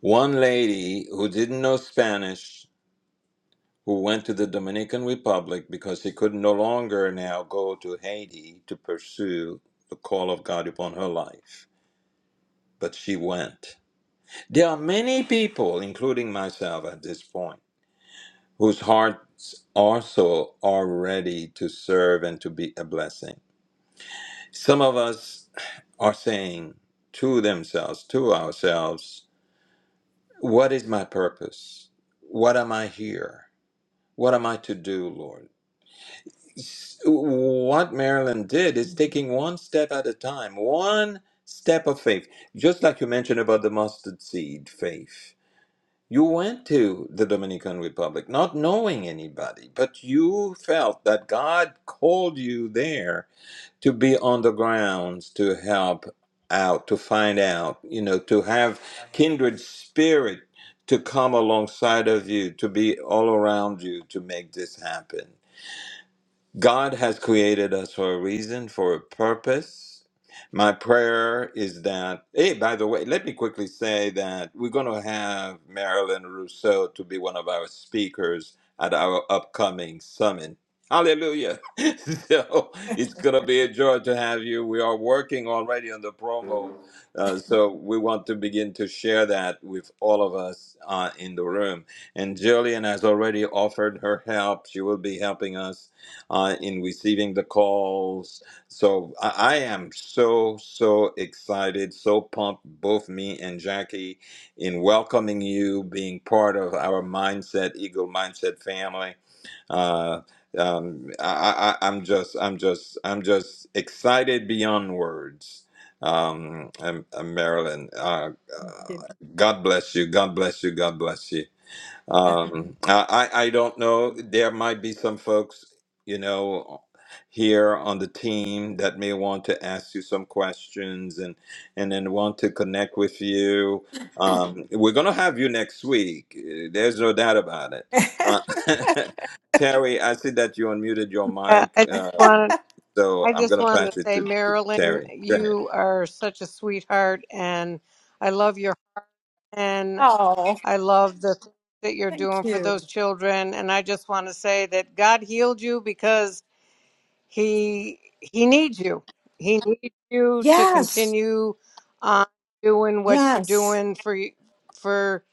A: One lady who didn't know Spanish, who went to the Dominican Republic because she could no longer now go to Haiti to pursue the call of God upon her life but she went. There are many people, including myself at this point, whose hearts also are ready to serve and to be a blessing. Some of us are saying to themselves, to ourselves, What is my purpose? What am I here? What am I to do, Lord? S- What Marilyn did is taking one step at a time, one step of faith, just like you mentioned about the mustard seed faith You went to the Dominican Republic not knowing anybody, but you felt that God called you there to be on the grounds to help out, to find out, you know, to have kindred spirit to come alongside of you, to be all around you to make this happen. God has created us for a reason, for a purpose. My prayer is that, hey, by the way, let me quickly say that we're going to have Marilyn Rousseau to be one of our speakers at our upcoming summit. Hallelujah. so it's going to be a joy to have you. We are working already on the promo. Uh, so we want to begin to share that with all of us uh, in the room. And Jillian has already offered her help. She will be helping us uh, in receiving the calls. So I, I am so, so excited, so pumped, both me and Jackie, in welcoming you, being part of our Mindset, Eagle Mindset family. Uh, um, I, I, I'm just, I'm just, I'm just excited beyond words. Um, and, and Marilyn, uh, uh,
B: Thank you.
A: God bless you. God bless you. God bless you. Um, I, I I don't know. There might be some folks, you know, here on the team that may want to ask you some questions and and then want to connect with you. Um, we're gonna have you next week. Uh, There's no doubt about it. Uh, Terry, I see that you unmuted your
D: Uh,
A: mic,
D: I just
A: um,
D: wanted
A: so
D: I
A: I'm
D: just
A: gonna
D: wanted to
A: pass it
D: say,
A: to, to
D: Marilyn,
A: Terry. Go
D: you are such a sweetheart, and I love your heart, and
B: oh,
D: I love the things that you're
B: thank
D: doing for
B: you.
D: those children. And I just want to say that God healed you because he he needs you. He needs you to
B: Yes,
D: continue on doing what you're
B: yes.
D: doing for y- for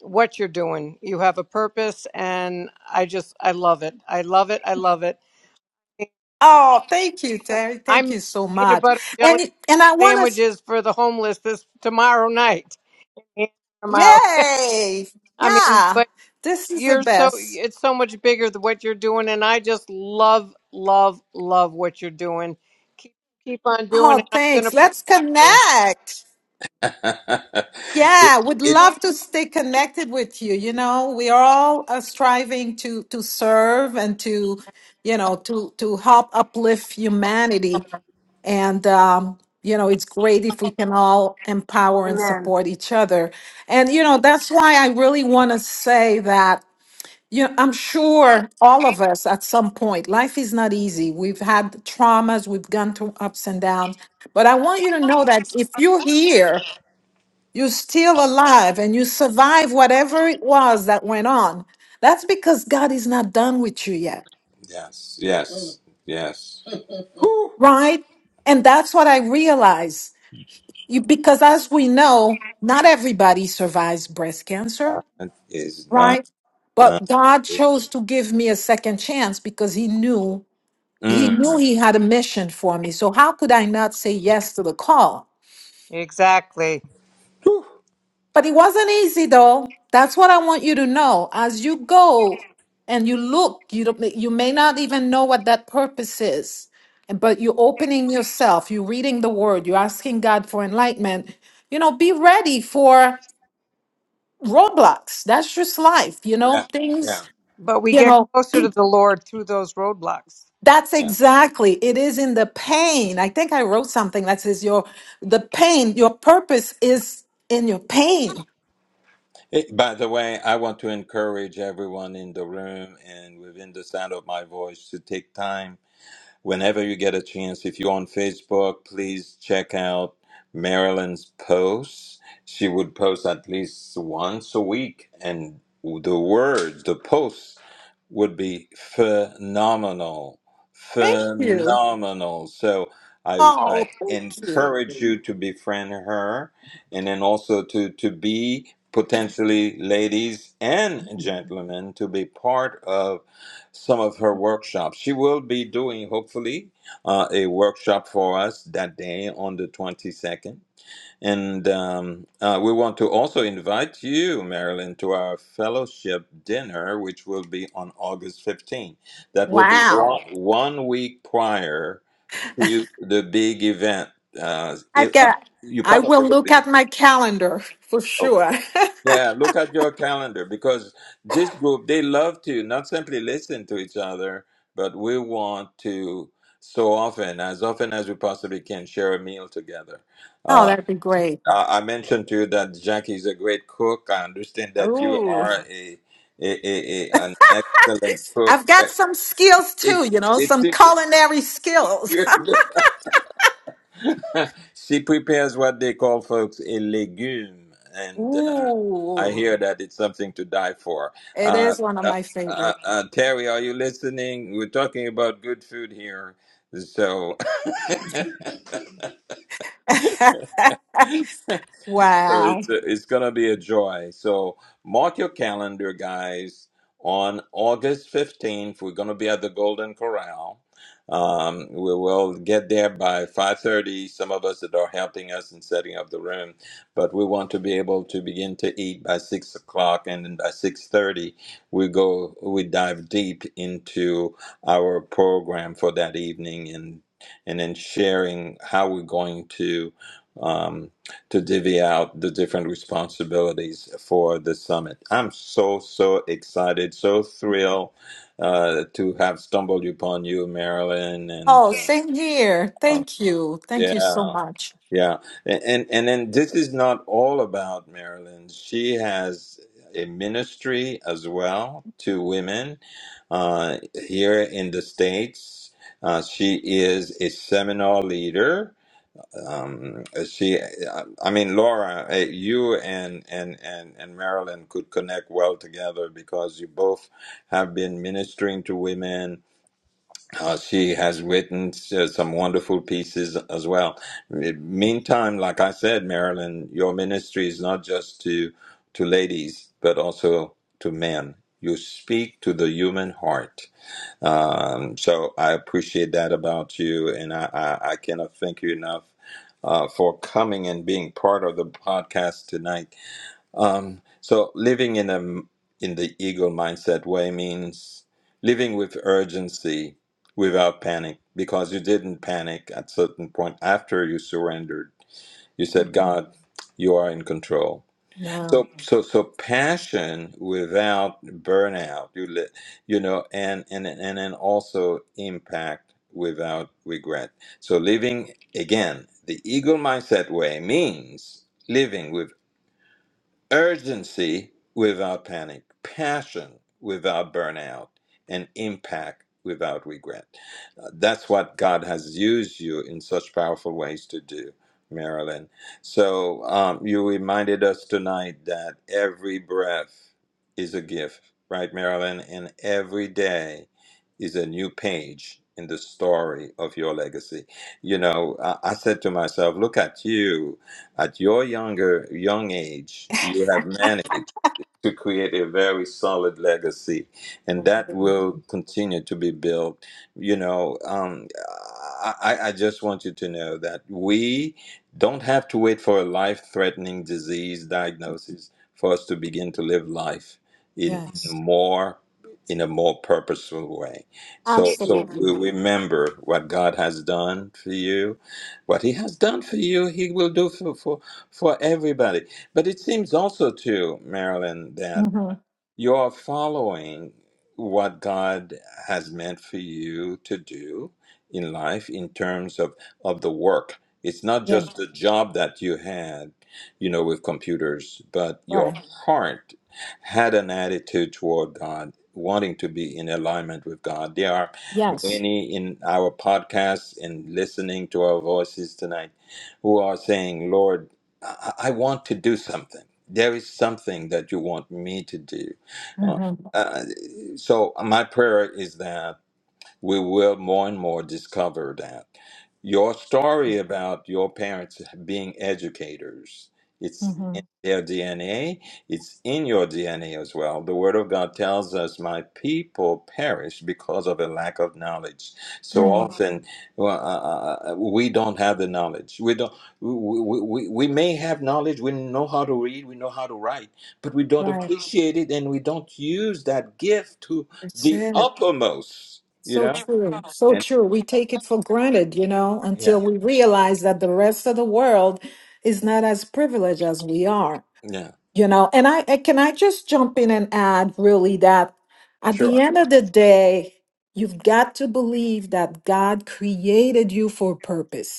D: what you're doing. You have a purpose, and I just I love it. I love it. I love it
B: Oh, thank you, Terry.
D: I'm
B: Thank you
D: making
B: so
D: peanut
B: much.
D: butter
B: And
D: jelly
B: and I want to,
D: sandwiches for the homeless this tomorrow night. And I'm out.
B: yay,
D: I mean,
B: yeah.
D: but
B: This is the
D: you're so
B: best.
D: it's so much bigger than what you're doing, and I just love, love, love what you're doing. Keep keep on doing it.
B: Oh,
D: I'm
B: thanks.
D: gonna pray
B: Let's
D: for you.
B: connect.
A: ahead.
B: Yeah, would love to stay connected with you. You know, we are all uh, striving to to serve and to, you know, to to help uplift humanity. And um, you know, it's great if we can all empower and
D: Amen.
B: support each other. And you know, that's why I really want to say that you know, I'm sure all of us at some point, life is not easy. We've had traumas, we've gone through ups and downs. But I want you to know that if you're here
A: it,
B: you're still alive and you survive whatever it was that went on. That's because God is not done with you yet,
A: Yes, yes, yes. Whew.
B: right? And that's what I realized. You, because as we know, not everybody survives breast cancer,
A: That is not
B: right?
A: done.
B: But God chose to give me a second chance because he knew he
A: Mm.
B: knew he had a mission for me. So how could I not say yes to the call?
D: Exactly.
A: Whew.
B: But it wasn't easy though. That's what I want you to know. As you go and you look, you don't, you may not even know what that purpose is, but you're opening yourself, you're reading the word, you're asking God for enlightenment. You know, be ready for roadblocks. That's just life, you
A: Yeah,
B: know, things,
A: yeah,
D: But we
B: you
D: get
B: know,
D: closer to the Lord through those roadblocks.
B: that's
A: yeah.
B: exactly it is in the pain. I think I wrote something that says your the pain, your purpose is in your pain
A: Hey, by the way, I want to encourage everyone in the room and within the sound of my voice to take time whenever you get a chance, if you're on Facebook, please check out Marilyn's posts. She would post at least once a week, and the words, the posts would be phenomenal.
B: Thank you.
A: Phenomenal. So I,
B: Oh,
A: I
B: thank you.
A: encourage you to befriend her and then also to, to be potentially ladies and gentlemen to be part of some of her workshops. She will be doing, hopefully, uh, a workshop for us that day on the 22nd. And um, uh, we want to also invite you, Marilyn, to our fellowship dinner, which will be on August 15th. That will be one,
B: Wow.
A: one week prior to the big event. Uh,
B: I've
A: if, uh,
B: got,
A: you
B: I
A: probably
B: will
A: will
B: look
A: be.
B: at my calendar for
A: oh,
B: sure.
A: yeah, look at your calendar because this group, they love to not simply listen to each other, but we want to so often, as often as we possibly can, share a meal together.
B: Oh,
A: Uh,
B: that'd be great.
A: I I mentioned to you that Jackie is a great cook. I understand that you
B: Oh,
A: are a, a, a, a an excellent cook.
B: I've got
A: Uh,
B: some skills too, you
A: It's
B: know,
A: it's,
B: some
A: it's
B: culinary skills.
A: you're, she prepares what they call folks a legume, and uh, I
B: Ooh,
A: hear that it's something to die for.
B: it
A: Uh,
B: is one of
A: uh,
B: my
A: uh,
B: favorites.
A: uh, Terry, are you listening? We're talking about good food here, so So
B: wow.
A: it's it's gonna be a joy. So mark your calendar, guys. On August fifteenth, we're gonna be at the Golden Corral. Um, we will get there by five thirty. Some of us that are helping us in setting up the room, but we want to be able to begin to eat by six o'clock, and then by six thirty, we go we dive deep into our program for that evening, and and then sharing how we're going to. Um, to divvy out the different responsibilities for the summit. I'm so, so excited, so thrilled uh, to have stumbled upon you, Marilyn. And
B: Oh, same here.
A: uh, um,
B: Thank you. Thank you so
A: yeah,
B: much.
A: yeah. And, and, and then this is not all about Marilyn. She has a ministry as well to women uh, here in the States. Uh, she is a seminar leader um she i mean laura eh, you and and and and marilyn could connect well together because you both have been ministering to women uh, she has written uh, some wonderful pieces as well Eh, meantime like i said marilyn your ministry is not just to to ladies but also to men you speak to the human heart um, so I appreciate that about you, and I, I, I cannot thank you enough uh, for coming and being part of the podcast tonight. Um, so living in a in the eagle mindset way means living with urgency without panic, because you didn't panic at certain point after you surrendered. You said,
B: Mhm.
A: "God, you are in control."
B: No.
A: so so so passion without burnout you li- you know and and and then also impact without regret so living again the eagle mindset way means living urgency without panic, passion without burnout, and impact without regret. Uh, That's what God has used you in such powerful ways to do, Marilyn. So um, you reminded us tonight that every breath is a gift, right, Marilyn? And every day is a new page. In the story of your legacy, you know, I, I said to myself, "Look at you! At your younger young age, you have managed to create a very solid legacy, and that
B: thank you.
A: will continue to be built. You know, um, I, I I just want you to know that we don't have to wait for a life-threatening disease diagnosis for us to begin to live life in, in a
B: Yes.
A: more in a more purposeful way. So, so
B: Absolutely.
A: we remember what God has done for you, what He has done for you, He will do for for, for everybody but it seems also too, Marilyn, that
B: Mm-hmm.
A: you're following what God has meant for you to do in life in terms of, of the work. It's not
B: Yeah.
A: just the job that you had, you know, with computers, but your
B: Right.
A: heart had an attitude toward God, wanting to be in alignment with God. There are
B: Yes.
A: many in our podcast and listening to our voices tonight who are saying, Lord, I, I want to do something. There is something that you want me to do uh,
B: Mm-hmm.
A: uh, so my prayer is that we will more and more discover that. Your story about your parents being educators, it's in
B: Mm-hmm.
A: their DNA, it's in your DNA as well. The Word of God tells us, My people perish because of a lack of knowledge. So
B: Mm-hmm.
A: often well, uh, uh, uh, we don't have the knowledge. We, don't, we, we, we we may have knowledge, we know how to read, we know how to write, but we don't
B: Right.
A: appreciate it and we don't use that gift to
B: That's
A: the
B: it.
A: uttermost you
B: So
A: know?
B: true. So
A: And
B: true. We take it for granted, you know,
A: yeah,
B: until we realize that the rest of the world is not as privileged as we are.
A: yeah,
B: You know, and I, I can I just jump in and add really that at the
A: sure.
B: end of the day, you've got to believe that God created you for a purpose.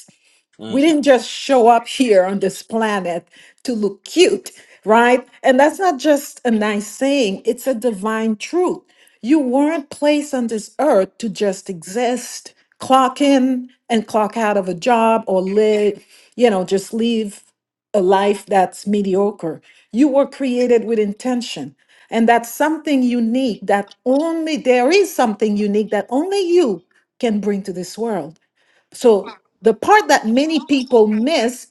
B: We
A: Mm,
B: didn't just show up here on this planet to look cute, right? And that's not just a nice saying, it's a divine truth. You weren't placed on this earth to just exist, clock in and clock out of a job or live, you know, just live a life that's mediocre. You were created with intention. And that's something unique that only there is something unique that only you can bring to this world. So the part that many people miss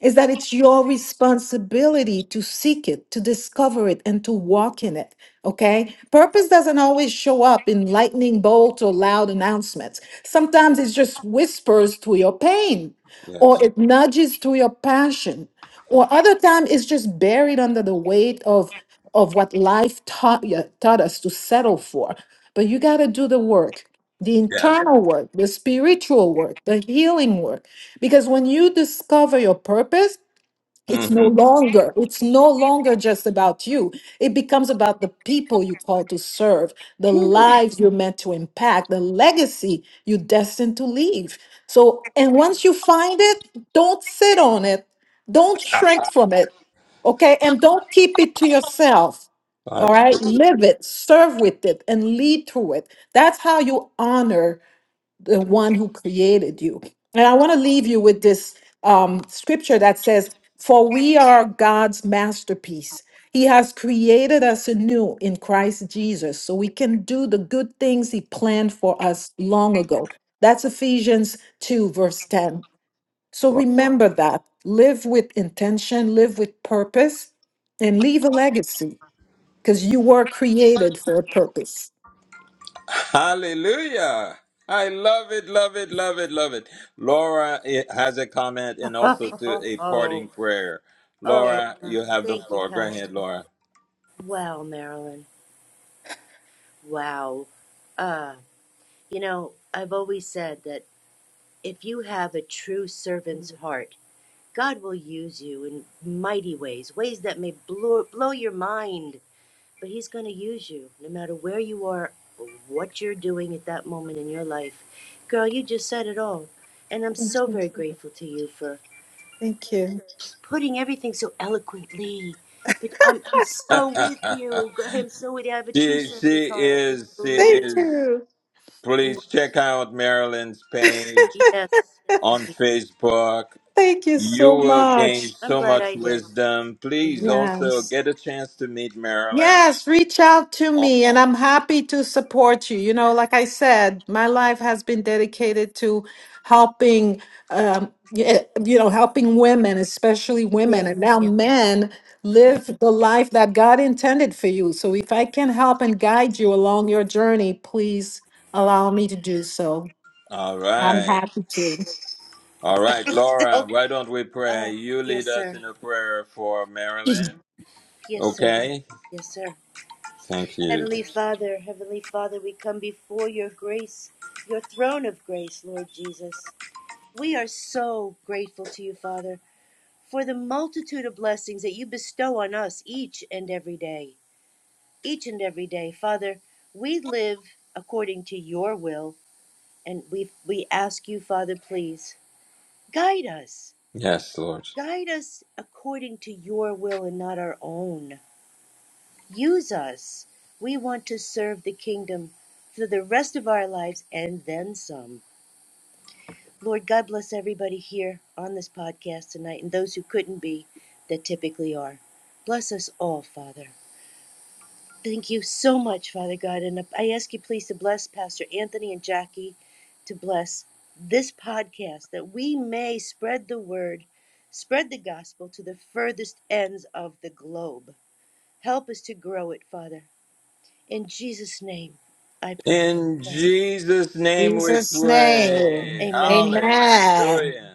B: is that it's your responsibility to seek it, to discover it, and to walk in it. Okay? Purpose doesn't always show up in lightning bolts or loud announcements. Sometimes it just whispers through your pain,
A: yes,
B: or it nudges through your passion, or other time it's just buried under the weight of of what life taught you, taught us to settle for. But you got to do the work the
A: yes.
B: internal work, the spiritual work, the healing work. Because when you discover your purpose, it's no
A: Mm-hmm.
B: longer, it's no longer just about you. It becomes about the people you call to serve, the lives you're meant to impact, the legacy you're destined to leave. So, and once you find it, don't sit on it. Don't shrink from it. Okay. And don't keep it to yourself. All right.
A: Absolutely.
B: Live it, serve with it, and lead through it. That's how you honor the one who created you. And I want to leave you with this um, scripture that says, For we are God's masterpiece. He has created us anew in Christ Jesus so we can do the good things He planned for us long ago. That's Ephesians 2, verse 10. So
A: Wow.
B: remember that. Live with intention, live with purpose, and leave a legacy because you were created for a purpose. Thank
A: Hallelujah. I love it, love it, love it, love it. Laura eh, has a comment and
C: Oh,
A: also to
C: oh,
A: a
C: oh.
A: parting prayer.
C: oh
A: Laura,
C: yeah.
A: you have the
C: thank you,
A: floor. Go ahead,
C: Pastor.
A: Laura.
C: Wow, Marilyn. Wow. Uh, you know, I've always said that if you have a true servant's heart, God will use you in mighty ways, ways that may blow, blow your mind, but He's going to use you no matter where you are or what you're doing at that moment in your life. Girl, you just said it all. And I'm so
B: you.
C: very grateful to you for
B: Thank you.
C: putting everything so eloquently. But I'm, I'm so with you. God, I'm so with you. I have a true
A: She she
C: servant's heart, and I
A: is she
C: believe.
B: Thank
A: is.
B: you.
C: Mm,
A: Please check out Marilyn's page
C: Yes, yes,
A: on
C: please.
A: Facebook.
B: Thank you
A: You
B: so
A: will gain
B: much.
C: I'm
A: so
C: glad I
A: much
C: did.
A: wisdom. Please
C: hmm
A: also
B: Yes.
A: get a chance to meet Marilyn.
B: Yes, reach out to
A: Oh,
B: me and I'm happy to support you. You know, like I said, my life has been dedicated to helping, um, y- eh, you know, helping women, especially
C: Yeah,
B: women, and now
C: yeah.
B: men live the life that God intended for you. So if I can help and guide you along your journey, please allow me to do so.
A: all
B: I'm
A: right,
B: happy to.
A: all right, Laura.
C: Oh,
A: Why don't we pray?
C: oh,
A: You lead
C: yes,
A: us
C: sir.
A: in a prayer for Marilyn.
C: Yes, sir.
A: Okay.
C: Yes, sir.
A: Thank you.
C: Heavenly Father, Heavenly Father, we come before your grace, your throne of grace, Lord Jesus. We are so grateful to you, Father, for the multitude of blessings that you bestow on us each and every day. Each and every day, Father, we live according to your will, and we we ask you, Father, please guide us.
A: Yes, Lord.
C: Guide us according to your will and not our own. Use us. We want to serve the kingdom for the rest of our lives and then some. Lord, God bless everybody here on this podcast tonight and those who couldn't be that typically are. Bless us all, Father. Thank you so much, Father God. And I ask you, please, to bless Pastor Anthony and Jackie to bless this podcast that we may spread the word, spread the gospel to the furthest ends of the globe. Help us to grow it, Father. In Jesus' name, I pray. We
A: In
C: pray.
A: Jesus' name we
B: Jesus'
A: pray.
B: name.
C: Amen.
B: Amen.
A: Hallelujah.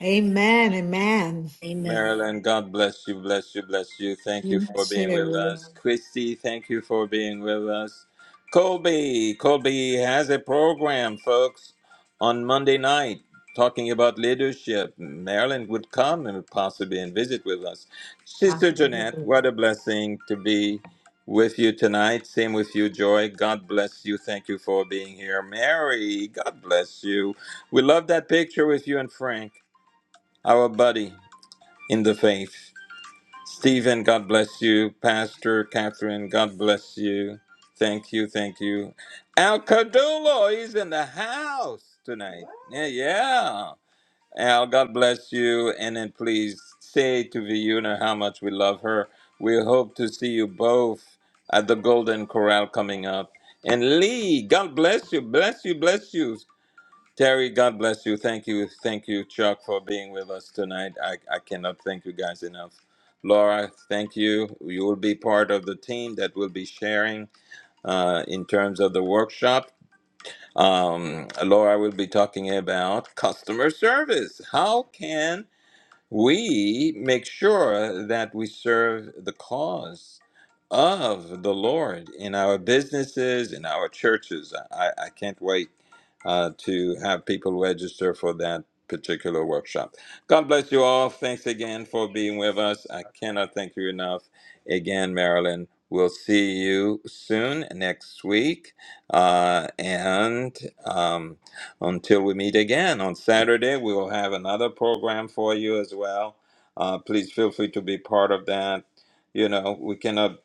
B: Amen. Amen.
C: Amen.
A: Marilyn, God bless you, bless you, bless you. Thank you
B: You
A: for being with us. Christy, thank you for being with us. Colby, Colby has a program, folks, on Monday night talking about leadership. Marilyn would come and possibly and visit with us. Sister Jeanette,
B: too.
A: what a blessing to be with you tonight. Same with you, Joy. God bless you. Thank you for being here. Mary, God bless you. We love that picture with you and Frank, our buddy in the faith. Stephen, God bless you. Pastor Catherine, God bless you. Thank you, thank you. Al Cadulo, he's in the house tonight. Yeah, yeah. Al, God bless you. And then please say to Viuna how much we love her. We hope to see you both at the Golden Corral coming up. And Lee, God bless you, bless you, bless you. Terry, God bless you. Thank you. Thank you, Chuck, for being with us tonight. I, I cannot thank you guys enough. Laura, thank you. You will be part of the team that will be sharing uh, in terms of the workshop. Um, Laura will be talking about customer service. How can we make sure that we serve the cause of the Lord in our businesses, in our churches. I, I can't wait uh, to have people register for that particular workshop. God bless you all. Thanks again for being with us. I cannot thank you enough. Again, Marilyn, we'll see you soon next week. Uh, and. Um, until we meet again on Saturday, we will have another program for you as well. Uh, please feel free to be part of that. You know, we cannot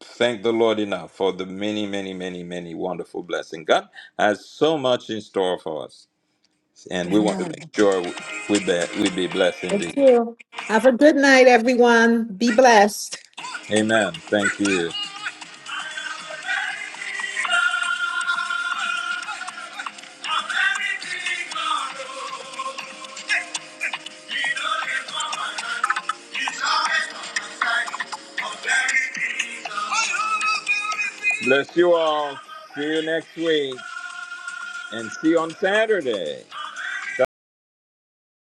A: thank the Lord enough for the many, many, many, many wonderful blessings. God has so much in store for us, and we want to make
B: Amen.
A: sure we be, we be blessed
B: Thank
A: indeed.
B: you. Have a good night, everyone. Be blessed.
A: Amen. Thank you. Bless you all. See you next week and see you on Saturday.